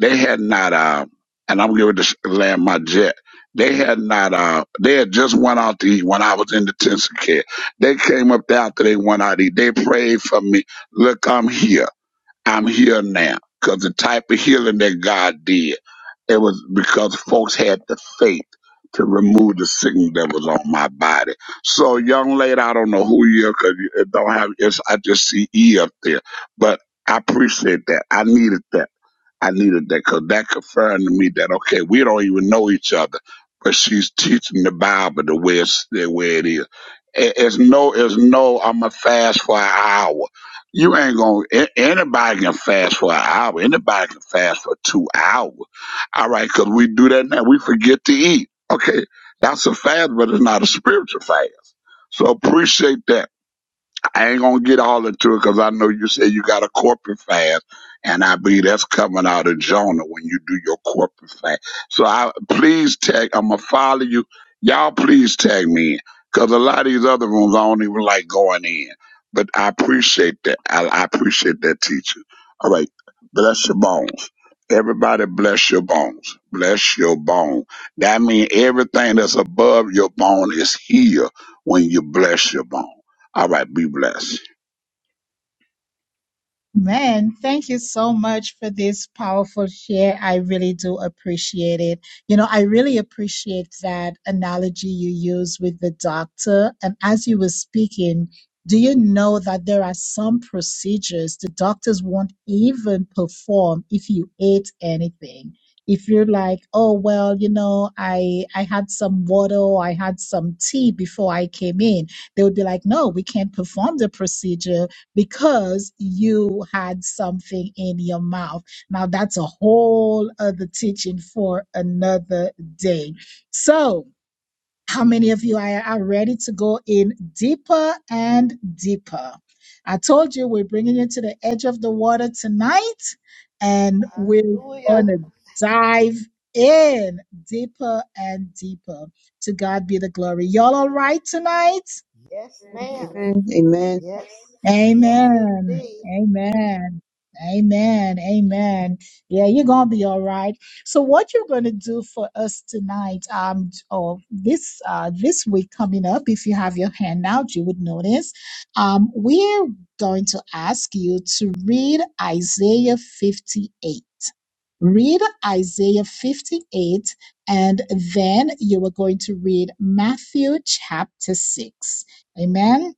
Speaker 13: they had not, uh, and I'm going to land my jet. They had not, uh, they had just went out to eat when I was in detention care. They came up there after they went out to eat. They prayed for me. Look, I'm here. I'm here now. Because the type of healing that God did, it was because folks had the faith to remove the sickness that was on my body. So, young lady, I don't know who you are because it don't have, it's, I just see E up there. But I appreciate that. I needed that. I needed that because that confirmed to me that okay, we don't even know each other, but she's teaching the Bible the way it's, the way it is. It- It's no, it's no. I'm going to fast for an hour. You ain't gonna. a- Anybody can fast for an hour. Anybody can fast for two hours. All right, because we do that now. We forget to eat. Okay, that's a fast, but it's not a spiritual fast. So appreciate that. I ain't gonna get all into it because I know you said you got a corporate fast, and I believe that's coming out of Jonah when you do your corporate fast. So I please tag. I'm gonna follow you. Y'all please tag me in because a lot of these other rooms I don't even like going in. But I appreciate that. I, I appreciate that teacher. All right, bless your bones. Everybody bless your bones. Bless your bone. That means everything that's above your bone is here when you bless your bone. All right, be blessed.
Speaker 2: Man, thank you so much for this powerful share. I really do appreciate it. You know, I really appreciate that analogy you use with the doctor. And as you were speaking, do you know that there are some procedures the doctors won't even perform if you ate anything? If you're like, oh well, you know, I I had some water or I had some tea before I came in, they would be like, no, we can't perform the procedure because you had something in your mouth. Now, that's a whole other teaching for another day. So, how many of you are, are ready to go in deeper and deeper? I told you we're bringing you to the edge of the water tonight, and we're going
Speaker 4: Hallelujah.
Speaker 2: to dive in deeper and deeper. To God be the glory. Y'all all right tonight?
Speaker 4: Yes, ma'am.
Speaker 8: Amen. Amen.
Speaker 4: Yes. Yes,
Speaker 2: Amen.
Speaker 4: indeed.
Speaker 2: Amen. Amen. Amen. Yeah, you're gonna be all right. So what you're gonna do for us tonight, um, or this uh this week coming up, if you have your handout, you would notice. Um, we're going to ask you to read Isaiah 58. Read Isaiah 58, and then you are going to read Matthew chapter 6. Amen.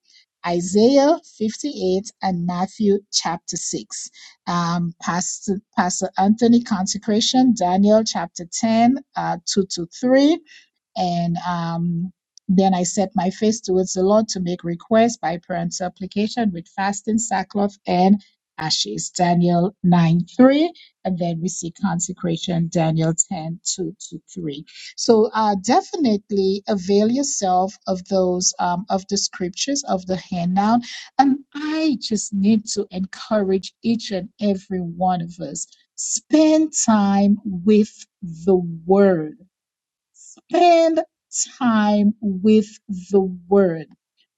Speaker 2: Isaiah 58 and Matthew chapter 6. Um, Pastor, Pastor Anthony consecration, Daniel chapter 10, uh, 2 to 3. And um, then I set my face towards the Lord to make requests by prayer and supplication with fasting, sackcloth, and ashes. Daniel 9 3. And then we see consecration, Daniel 10 two to 3. So uh, definitely avail yourself of those, um, of the scriptures, of the handout. And I just need to encourage each and every one of us spend time with the word spend time with the Word.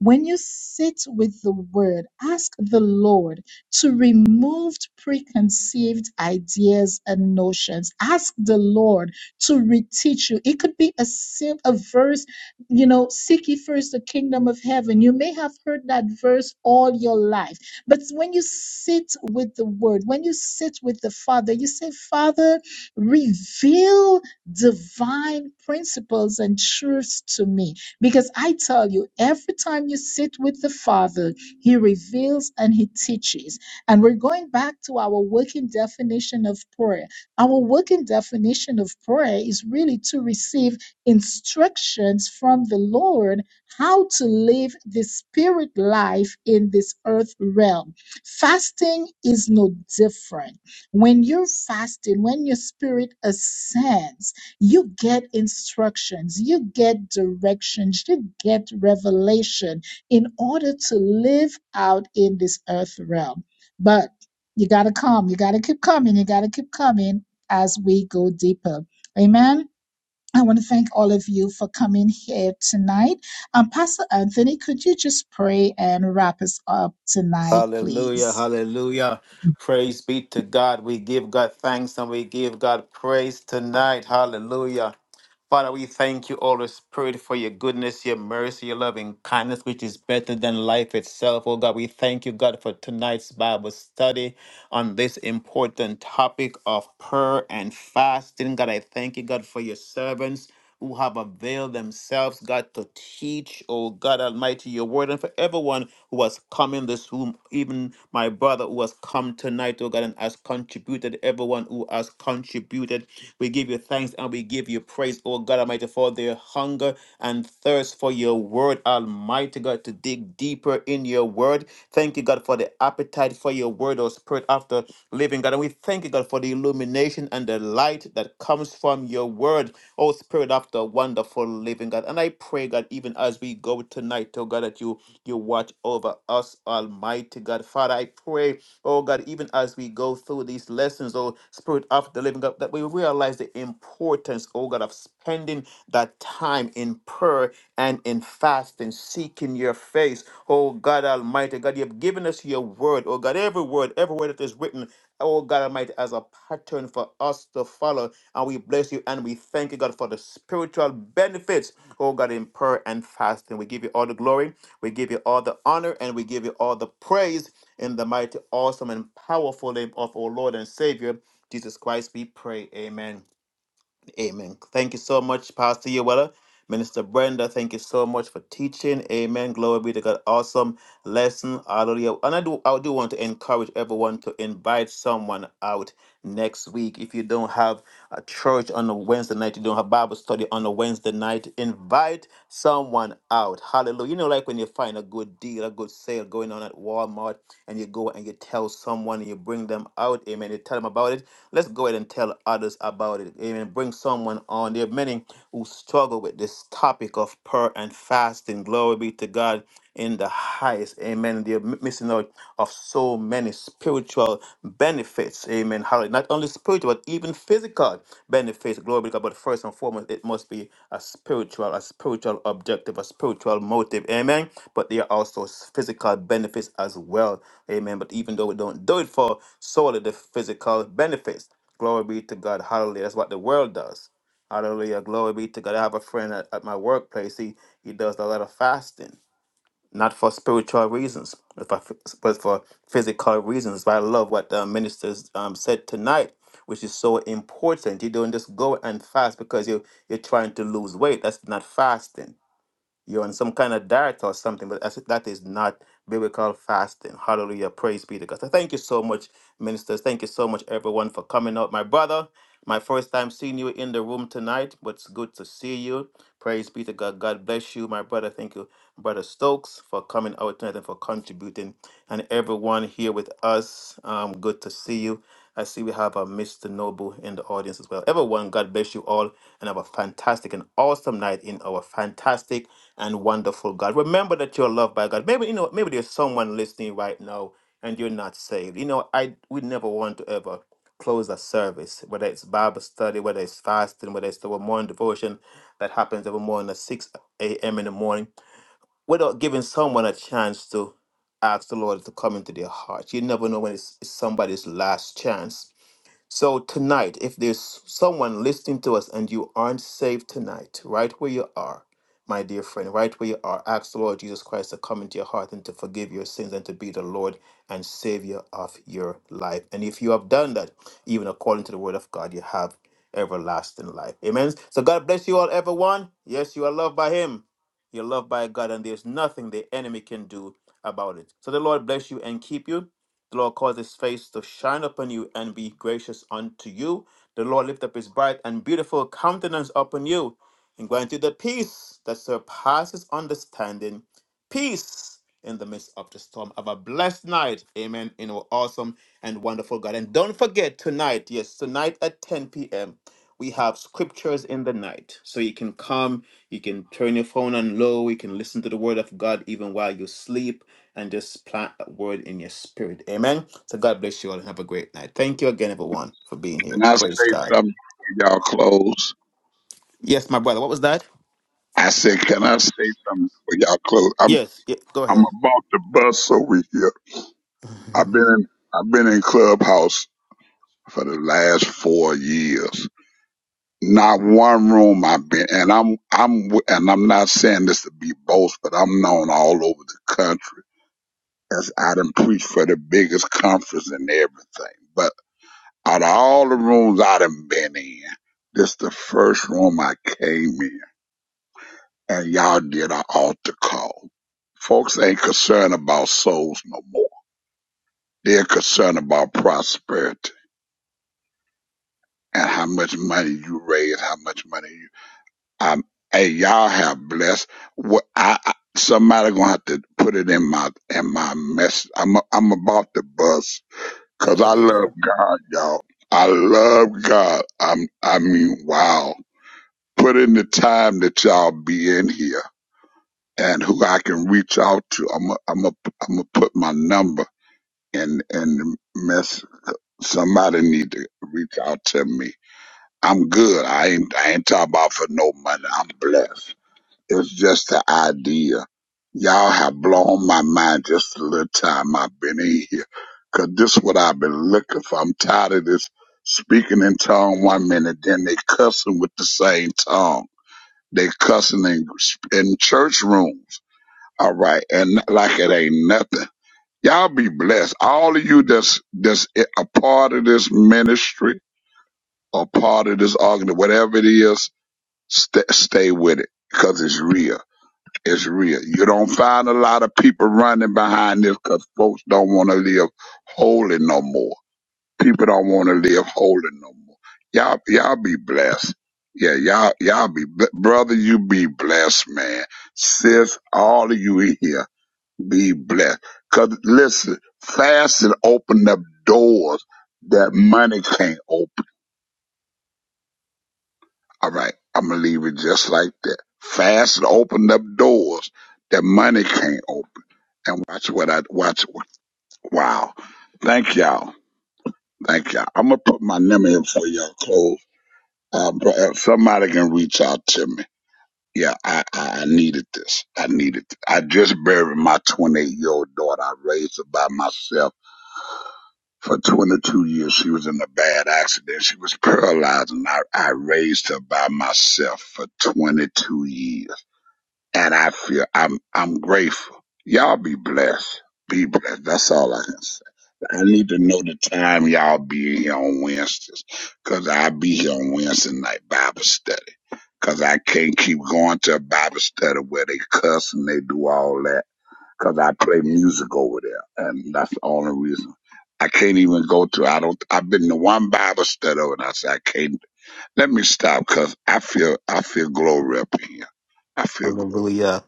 Speaker 2: When you sit with the Word, ask the Lord to remove preconceived ideas and notions. Ask the Lord to reteach you. It could be a sim- a verse, you know, seek ye first the kingdom of heaven. You may have heard that verse all your life, but when you sit with the Word, when you sit with the Father, you say, Father, reveal divine principles and truths to me. Because I tell you, every time you sit with the Father, He reveals and He teaches. And we're going back to our working definition of prayer. Our working definition of prayer is really to receive instructions from the Lord how to live the spirit life in this earth realm. Fasting is no different. When you're fasting, when your spirit ascends, you get instructions, you get directions, you get revelation in order to live out in this earth realm. But you got to come, you got to keep coming, you got to keep coming as we go deeper. Amen. I want to thank all of you for coming here tonight. Um, Pastor Anthony, could you just pray and wrap us up tonight,
Speaker 5: Hallelujah,
Speaker 2: please?
Speaker 5: hallelujah. Praise be to God. We give God thanks and we give God praise tonight. Hallelujah. Father, we thank you, Holy Spirit, for your goodness, your mercy, your loving kindness, which is better than life itself. Oh God, we thank you, God, for tonight's Bible study on this important topic of prayer and fasting. God, I thank you, God, for your servants who have availed themselves, God, to teach, oh God Almighty, your word, and for everyone who has come in this room, even my brother who has come tonight, oh God, and has contributed, everyone who has contributed. We give you thanks and we give you praise, oh God Almighty, for their hunger and thirst for your word, Almighty God, to dig deeper in your word. Thank you, God, for the appetite for your word, oh Spirit, after living, God. And we thank you, God, for the illumination and the light that comes from your word, oh Spirit, after wonderful living, God. And I pray, God, even as we go tonight, oh God, that you you watch over us, Almighty God. Father, I pray Oh God, even as we go through these lessons, oh Spirit of the Living God, that we realize the importance, oh God, of spending that time in prayer and in fasting, seeking your face. Oh God Almighty, God, you have given us your word, oh God, every word, every word that is written, oh God Almighty, as a pattern for us to follow. And we bless you and we thank you, God, for the spiritual benefits, oh God, in prayer and fasting. We give you all the glory, we give you all the honor, and we give you all the praise. In the mighty, awesome, and powerful name of our Lord and Savior, Jesus Christ, we pray. Amen. Amen. Thank you so much, Pastor Yoella. Minister Brenda, thank you so much for teaching. Amen. Glory be to God. Awesome lesson. Hallelujah. And I do I do want to encourage everyone to invite someone out next week. If you don't have a church on a Wednesday night, you don't have Bible study on a Wednesday night, invite someone out. Hallelujah. You know, like when you find a good deal, a good sale going on at Walmart, and you go and you tell someone and you bring them out. Amen. You tell them about it Let's go ahead and tell others about it. Amen. Bring someone on. There are many who struggle with this topic of prayer and fasting. Glory be to God in the highest. Amen. They're missing out of so many spiritual benefits. Amen. Hallelujah. Not only spiritual, but even physical benefits. Glory be to God. But first and foremost, it must be a spiritual, a spiritual objective, a spiritual motive. Amen. But there are also physical benefits as well. Amen. But even though we don't do it for solely the physical benefits, glory be to God. Hallelujah. That's what the world does. Hallelujah. Glory be to God. I have a friend at, at my workplace. He he does a lot of fasting not for spiritual reasons, but for, phys- but for physical reasons. But I love what the ministers um, said tonight, which is so important. You don't just go and fast because you you're trying to lose weight. That's not fasting. You're on some kind of diet or something, but that's, that is not biblical fasting. Hallelujah. Praise be to God. So thank you so much, ministers. Thank you so much, everyone, for coming out. My brother, my first time seeing you in the room tonight, but it's good to see you. Praise be to God. God bless you, my brother. Thank you, brother Stokes, for coming out tonight and for contributing. And everyone here with us, um, good to see you. I see we have a Mr. Noble in the audience as well. Everyone, God bless you all and have a fantastic and awesome night in our fantastic and wonderful God. Remember that you're loved by God. Maybe you know, maybe there's someone listening right now and you're not saved. You know, I we never want to ever close a service, whether it's Bible study, whether it's fasting, whether it's the morning devotion that happens every morning at 6 a.m. in the morning, without giving someone a chance to ask the Lord to come into their heart. You never know when it's, it's somebody's last chance so tonight, if there's someone listening to us and you aren't saved tonight, right where you are, my dear friend, right where you are, ask the Lord Jesus Christ to come into your heart and to forgive your sins and to be the Lord and Savior of your life. And if you have done that, even according to the Word of God, you have everlasting life. Amen. So God bless you all, everyone. Yes, you are loved by Him. You're loved by God, and there's nothing the enemy can do about it. So the Lord bless you and keep you. The Lord cause his face to shine upon you and be gracious unto you. The Lord lift up his bright and beautiful countenance upon you and grant you the peace that surpasses understanding. Peace in the midst of the storm. Have a blessed night. Amen. In our awesome and wonderful God. And don't forget tonight, yes, tonight at 10 p.m., we have scriptures in the night. So you can come, you can turn your phone on low, you can listen to the word of God even while you sleep and just plant that word in your spirit. Amen. So God bless you all and have a great night. Thank you again, everyone, for being here.
Speaker 13: Can I say
Speaker 5: Praise God.
Speaker 13: something before y'all close?
Speaker 5: Yes, my brother. What was that?
Speaker 13: I said, can I say something before y'all close? I'm
Speaker 5: Yes. Yeah, go
Speaker 13: I'm
Speaker 5: ahead.
Speaker 13: about to bust over here. I've been in I've been in Clubhouse for the last four years. Not one room I've been, and I'm I'm and I'm not saying this to be boast, but I'm known all over the country as I done preached for the biggest conference and everything. But out of all the rooms I done been in, this the first room I came in and y'all did an altar call. Folks ain't concerned about souls no more. They're concerned about prosperity and how much money you raise, how much money you. Um, hey, y'all have blessed. What I, I somebody gonna have to put it in my in my message. I'm I'm about to bust because I love
Speaker 5: Hallelujah.
Speaker 13: God, y'all. I love God. I'm I mean, wow. Put in the time that y'all be in here and who I can reach out to. I'm i I'm i am I'm gonna put my number in in the mess. Somebody need to reach out to me. I'm good. I ain't I ain't talking about for no money. I'm blessed. It's just the idea. Y'all have blown my mind just a little time I've been in here. 'Cause this what I've been looking for. I'm tired of this speaking in tongue one minute, then they cussing with the same tongue. They cussing in, in church rooms all right, and like it ain't nothing. Y'all be blessed. All of you that's that's a part of this ministry, a part of this argument, whatever it is, st- stay with it because it's real. It's real. You don't find a lot of people running behind this because folks don't want to live holy no more. People don't want to live holy no more. Y'all, y'all be blessed. Yeah, y'all, y'all be, bl- brother, you be blessed, man. Sis, all of you here be blessed. Because listen, fasting opened up doors that money can't open. All right, I'm gonna leave it just like that. Fasting opened up doors that money can't open. And watch what I watch. Wow. Thank y'all. Thank y'all. I'm gonna put my number in for y'all close. Uh, bro, if somebody can reach out to me. Yeah, I, I, I needed this. I needed. it. I just buried my 28 year old daughter. I raised her by myself For 22 years, she was in a bad accident. She was paralyzed, and I, I raised her by myself for 22 years. And I feel I'm I'm grateful. Y'all be blessed. Be blessed. That's all I can say. I need to know the time y'all be here on Wednesdays, cause I be here on Wednesday night Bible study. Cause I can't keep going to a Bible study where they cuss and they do all that because I play music over there, and that's the only reason. I can't even go to. I don't. I've been to one Bible study, and I said I can't. Let me stop, cause I feel I feel glory up in here. I feel glory.
Speaker 5: Hallelujah.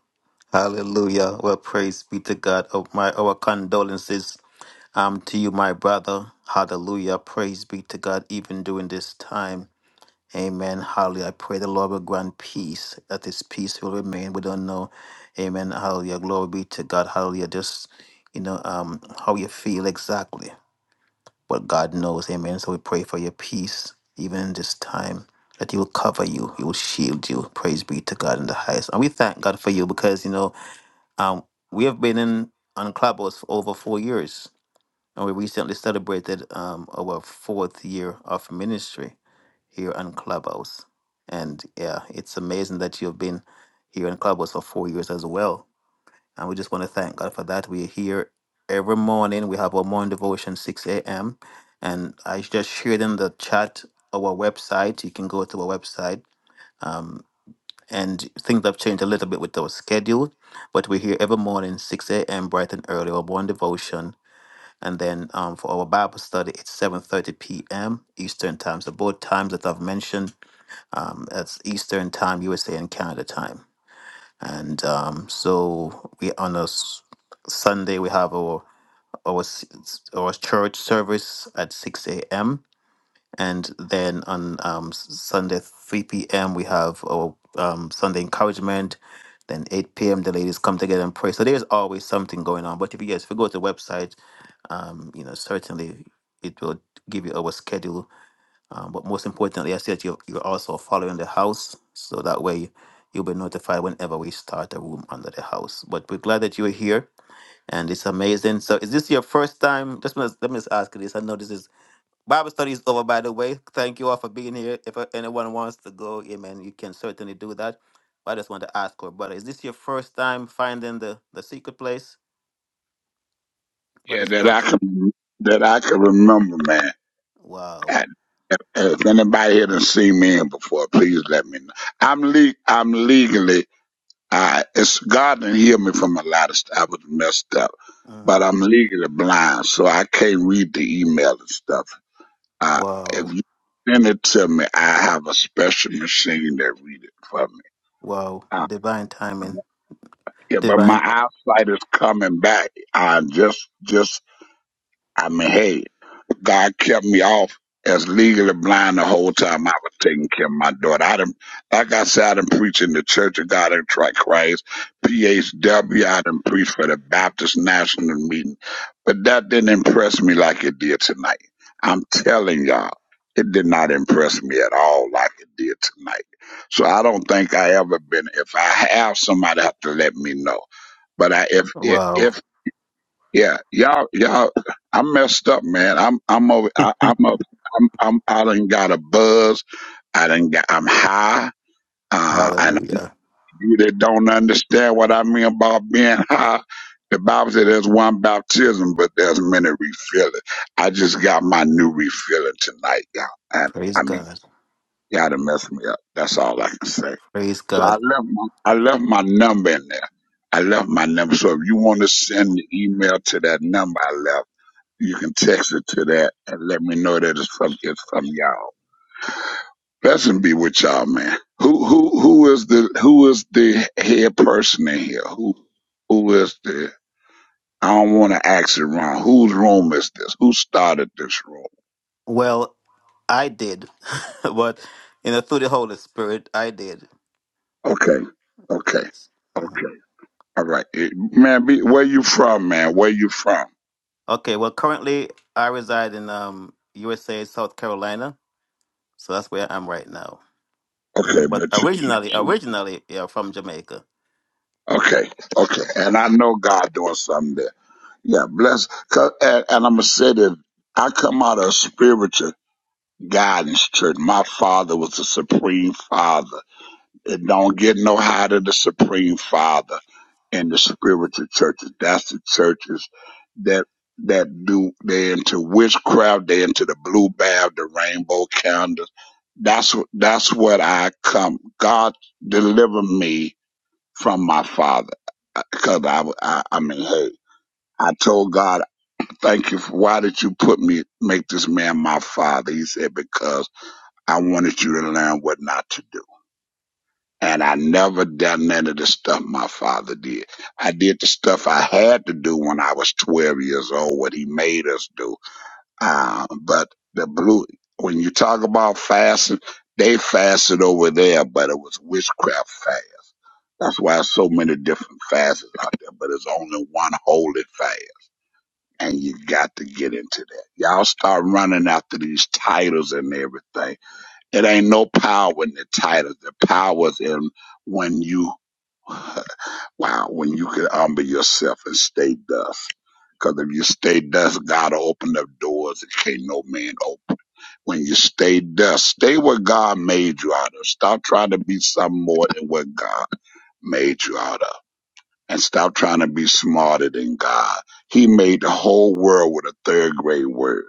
Speaker 5: Hallelujah. Well, praise be to God. Oh, my our condolences um to you, my brother. Hallelujah. Praise be to God, even during this time. Amen. Hallelujah. I pray the Lord will grant peace, that His peace will remain. We don't know. Amen. Hallelujah. Glory be to God. Hallelujah. Just, you know, um, how you feel exactly. But God knows. Amen. So we pray for your peace, even in this time, that He will cover you, He will shield you. Praise be to God in the highest. And we thank God for you because, you know, um, we have been in on Clubhouse for over four years. And we recently celebrated um, our fourth year of ministry here on Clubhouse. And yeah, it's amazing that you've been here on Clubhouse for four years as well. And we just want to thank God for that. We're here every morning. We have our morning devotion, 6 a.m. And I just shared in the chat our website. You can go to our website. Um, and things have changed a little bit with our schedule, but we're here every morning, 6 a.m., bright and early, our morning devotion and then um, for our Bible study, it's 7.30 p.m. Eastern Time. So both times that I've mentioned, um, that's Eastern Time, USA and Canada Time. And um, so we on a s- Sunday, we have our, our, s- our church service at 6 a.m. And then on um, s- Sunday, 3 p.m., we have our um, Sunday encouragement. Then 8 p.m., the ladies come together and pray. So there's always something going on. But if you guys, if you go to the website, um, you know, certainly it will give you our schedule. Um, but most importantly, I said you you're also following the house, so that way you'll be notified whenever we start a room under the house. But we're glad that you're here, and it's amazing. So, is this your first time? Just wanna- let me just ask you this. I know this is Bible study is over, by the way. Thank you all for being here. If uh, anyone wants to go, amen, you can certainly do that. But I just want to ask her, brother, is this your first time finding the the secret place,
Speaker 13: Yeah,
Speaker 5: brother
Speaker 13: that I
Speaker 5: Stokes?
Speaker 13: can that I can remember, man.
Speaker 5: Wow.
Speaker 13: I, if if anybody here done seen me in before, please let me know. I'm le- I'm legally. I it's God didn't heal me from a lot of stuff. I was messed up, but
Speaker 5: Mhm.
Speaker 13: I'm legally blind, so I can't read the email and stuff. Uh, if
Speaker 5: Wow.
Speaker 13: you send it to me, I have a special machine that read it for me.
Speaker 5: Wow.
Speaker 13: Uh,
Speaker 5: Divine timing.
Speaker 13: yeah, but my
Speaker 5: Divine.
Speaker 13: eyesight is coming back. I just, just, I mean, hey, God kept me off as legally blind the whole time I was taking care of my daughter. I done, like I said, I done preached in the Church of God in Christ, PHW. I done preached for the Baptist National Meeting, but that didn't impress me like it did tonight. I'm telling y'all, it did not impress me at all like it did tonight. So I don't think I ever been. If I have somebody, have to let me know. But I, if if
Speaker 5: Wow.
Speaker 13: if yeah, y'all, y'all, I messed up, man. I'm, I'm over, I, I'm up, I'm, I'm, I done got a buzz. I done got, I'm high. Uh, and
Speaker 5: Hallelujah.
Speaker 13: you that don't understand what I mean about being high, the Bible says there's one baptism, but there's many refilling. I just got my new refilling tonight, y'all. And
Speaker 5: Praise
Speaker 13: I mean,
Speaker 5: God.
Speaker 13: y'all done messed me up. That's all I can say.
Speaker 5: Praise
Speaker 13: So I
Speaker 5: God.
Speaker 13: left my, I left my number in there. I left my number. So if you want to send the email to that number I left, you can text it to that and let me know that it's from it's from y'all. Blessing be with y'all, man. Who who who is the who is the head person in here? Who who is the I don't want to ask it wrong. Whose room is this? Who started this room?
Speaker 5: Well, I did, but you know, through the Holy Spirit, I did.
Speaker 13: Okay, okay,
Speaker 5: Yes. uh
Speaker 13: okay. All right, Eh, man. Be, where you from, man? Where you from?
Speaker 5: Okay. Well, currently I reside in um USA, South Carolina, so that's where I'm right now.
Speaker 13: Okay,
Speaker 5: Mhm. But
Speaker 13: but
Speaker 5: originally,
Speaker 13: you,
Speaker 5: originally, yeah, from Jamaica.
Speaker 13: okay, okay. And I know God doing something there. Yeah, bless. 'cause- And, and I'm going to say that I come out of a spiritual guidance church. My father was a Supreme Father. It don't get no higher than the Supreme Father in the spiritual churches. That's the churches that that do they into witchcraft, they into the blue bath, the rainbow candles. That's what that's what I come. God deliver me from my father because I, w- I I mean hey I told God Thank you. For, why did you put me, make this man my father? He said, because I wanted you to learn what not to do. And I never done none of the stuff my father did. I did the stuff I had to do when I was 12 years old, what he made us do. Uh, but the blue, when you talk about fasting, they fasted over there, but it was witchcraft fast. That's why there's so many different fasts out there, but it's only one holy fast and you got to get into that. Y'all start running after these titles and everything. It ain't no power in the titles. The power's in when you, wow, when you can humble yourself and stay dust. Because if you stay dust, God will open up doors that can't no man open. When you stay dust, stay what God made you out of. Stop trying to be something more than what God made you out of and stop trying to be smarter than God. He made the whole world with a third grade word.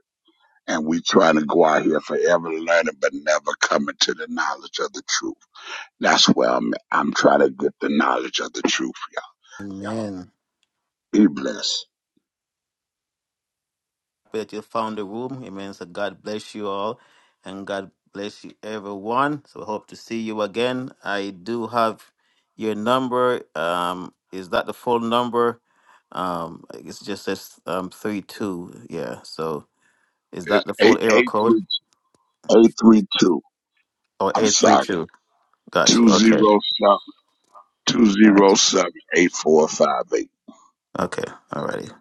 Speaker 13: And we trying to go out here forever learning, but never coming to the knowledge of the truth. That's where I'm at. I'm trying to get the knowledge of the truth, y'all. Y'all
Speaker 5: Amen.
Speaker 13: be blessed.
Speaker 5: that you found the room. It means that God bless you all and God bless you everyone. So I hope to see you again. I do have your number. Um, is that the full number? Um, it's just says um three two. Yeah. So is that
Speaker 13: It's
Speaker 5: the full
Speaker 13: eight
Speaker 5: area
Speaker 13: eight
Speaker 5: code
Speaker 13: three eight three two.
Speaker 5: or
Speaker 13: I'm
Speaker 5: eight three
Speaker 13: sorry.
Speaker 5: two? Got you.
Speaker 13: Two
Speaker 5: Okay.
Speaker 13: zero seven two zero seven eight four five eight.
Speaker 5: Okay. Alrighty.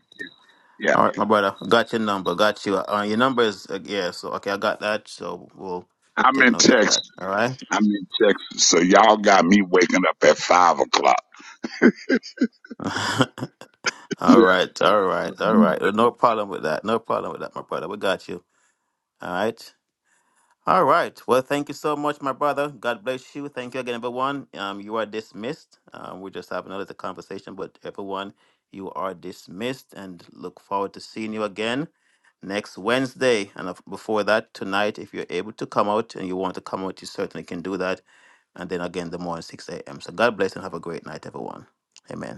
Speaker 13: Yeah. yeah.
Speaker 5: All right, my brother. Got your number. Got you. Uh, your number is uh, yeah. So okay, I got that. So we'll
Speaker 13: I'm
Speaker 5: take
Speaker 13: in
Speaker 5: note of
Speaker 13: Texas.
Speaker 5: that. All
Speaker 13: I'm in Texas. So y'all got me waking up at five o'clock.
Speaker 5: right.
Speaker 13: Yeah.
Speaker 5: All right, all right, all right. Well, No problem with that. No problem with that, my brother. We got you. All right. All right. Well, thank you so much, my brother. God bless you. Thank you again, everyone. Um, you are dismissed. Um, we're just having a little conversation, but everyone, you are dismissed, and look forward to seeing you again next Wednesday. And of- before that, tonight, if you're able to come out and you want to come out, you certainly can do that. And then again, the morning, six a.m. So God bless and have a great night, everyone. Amen.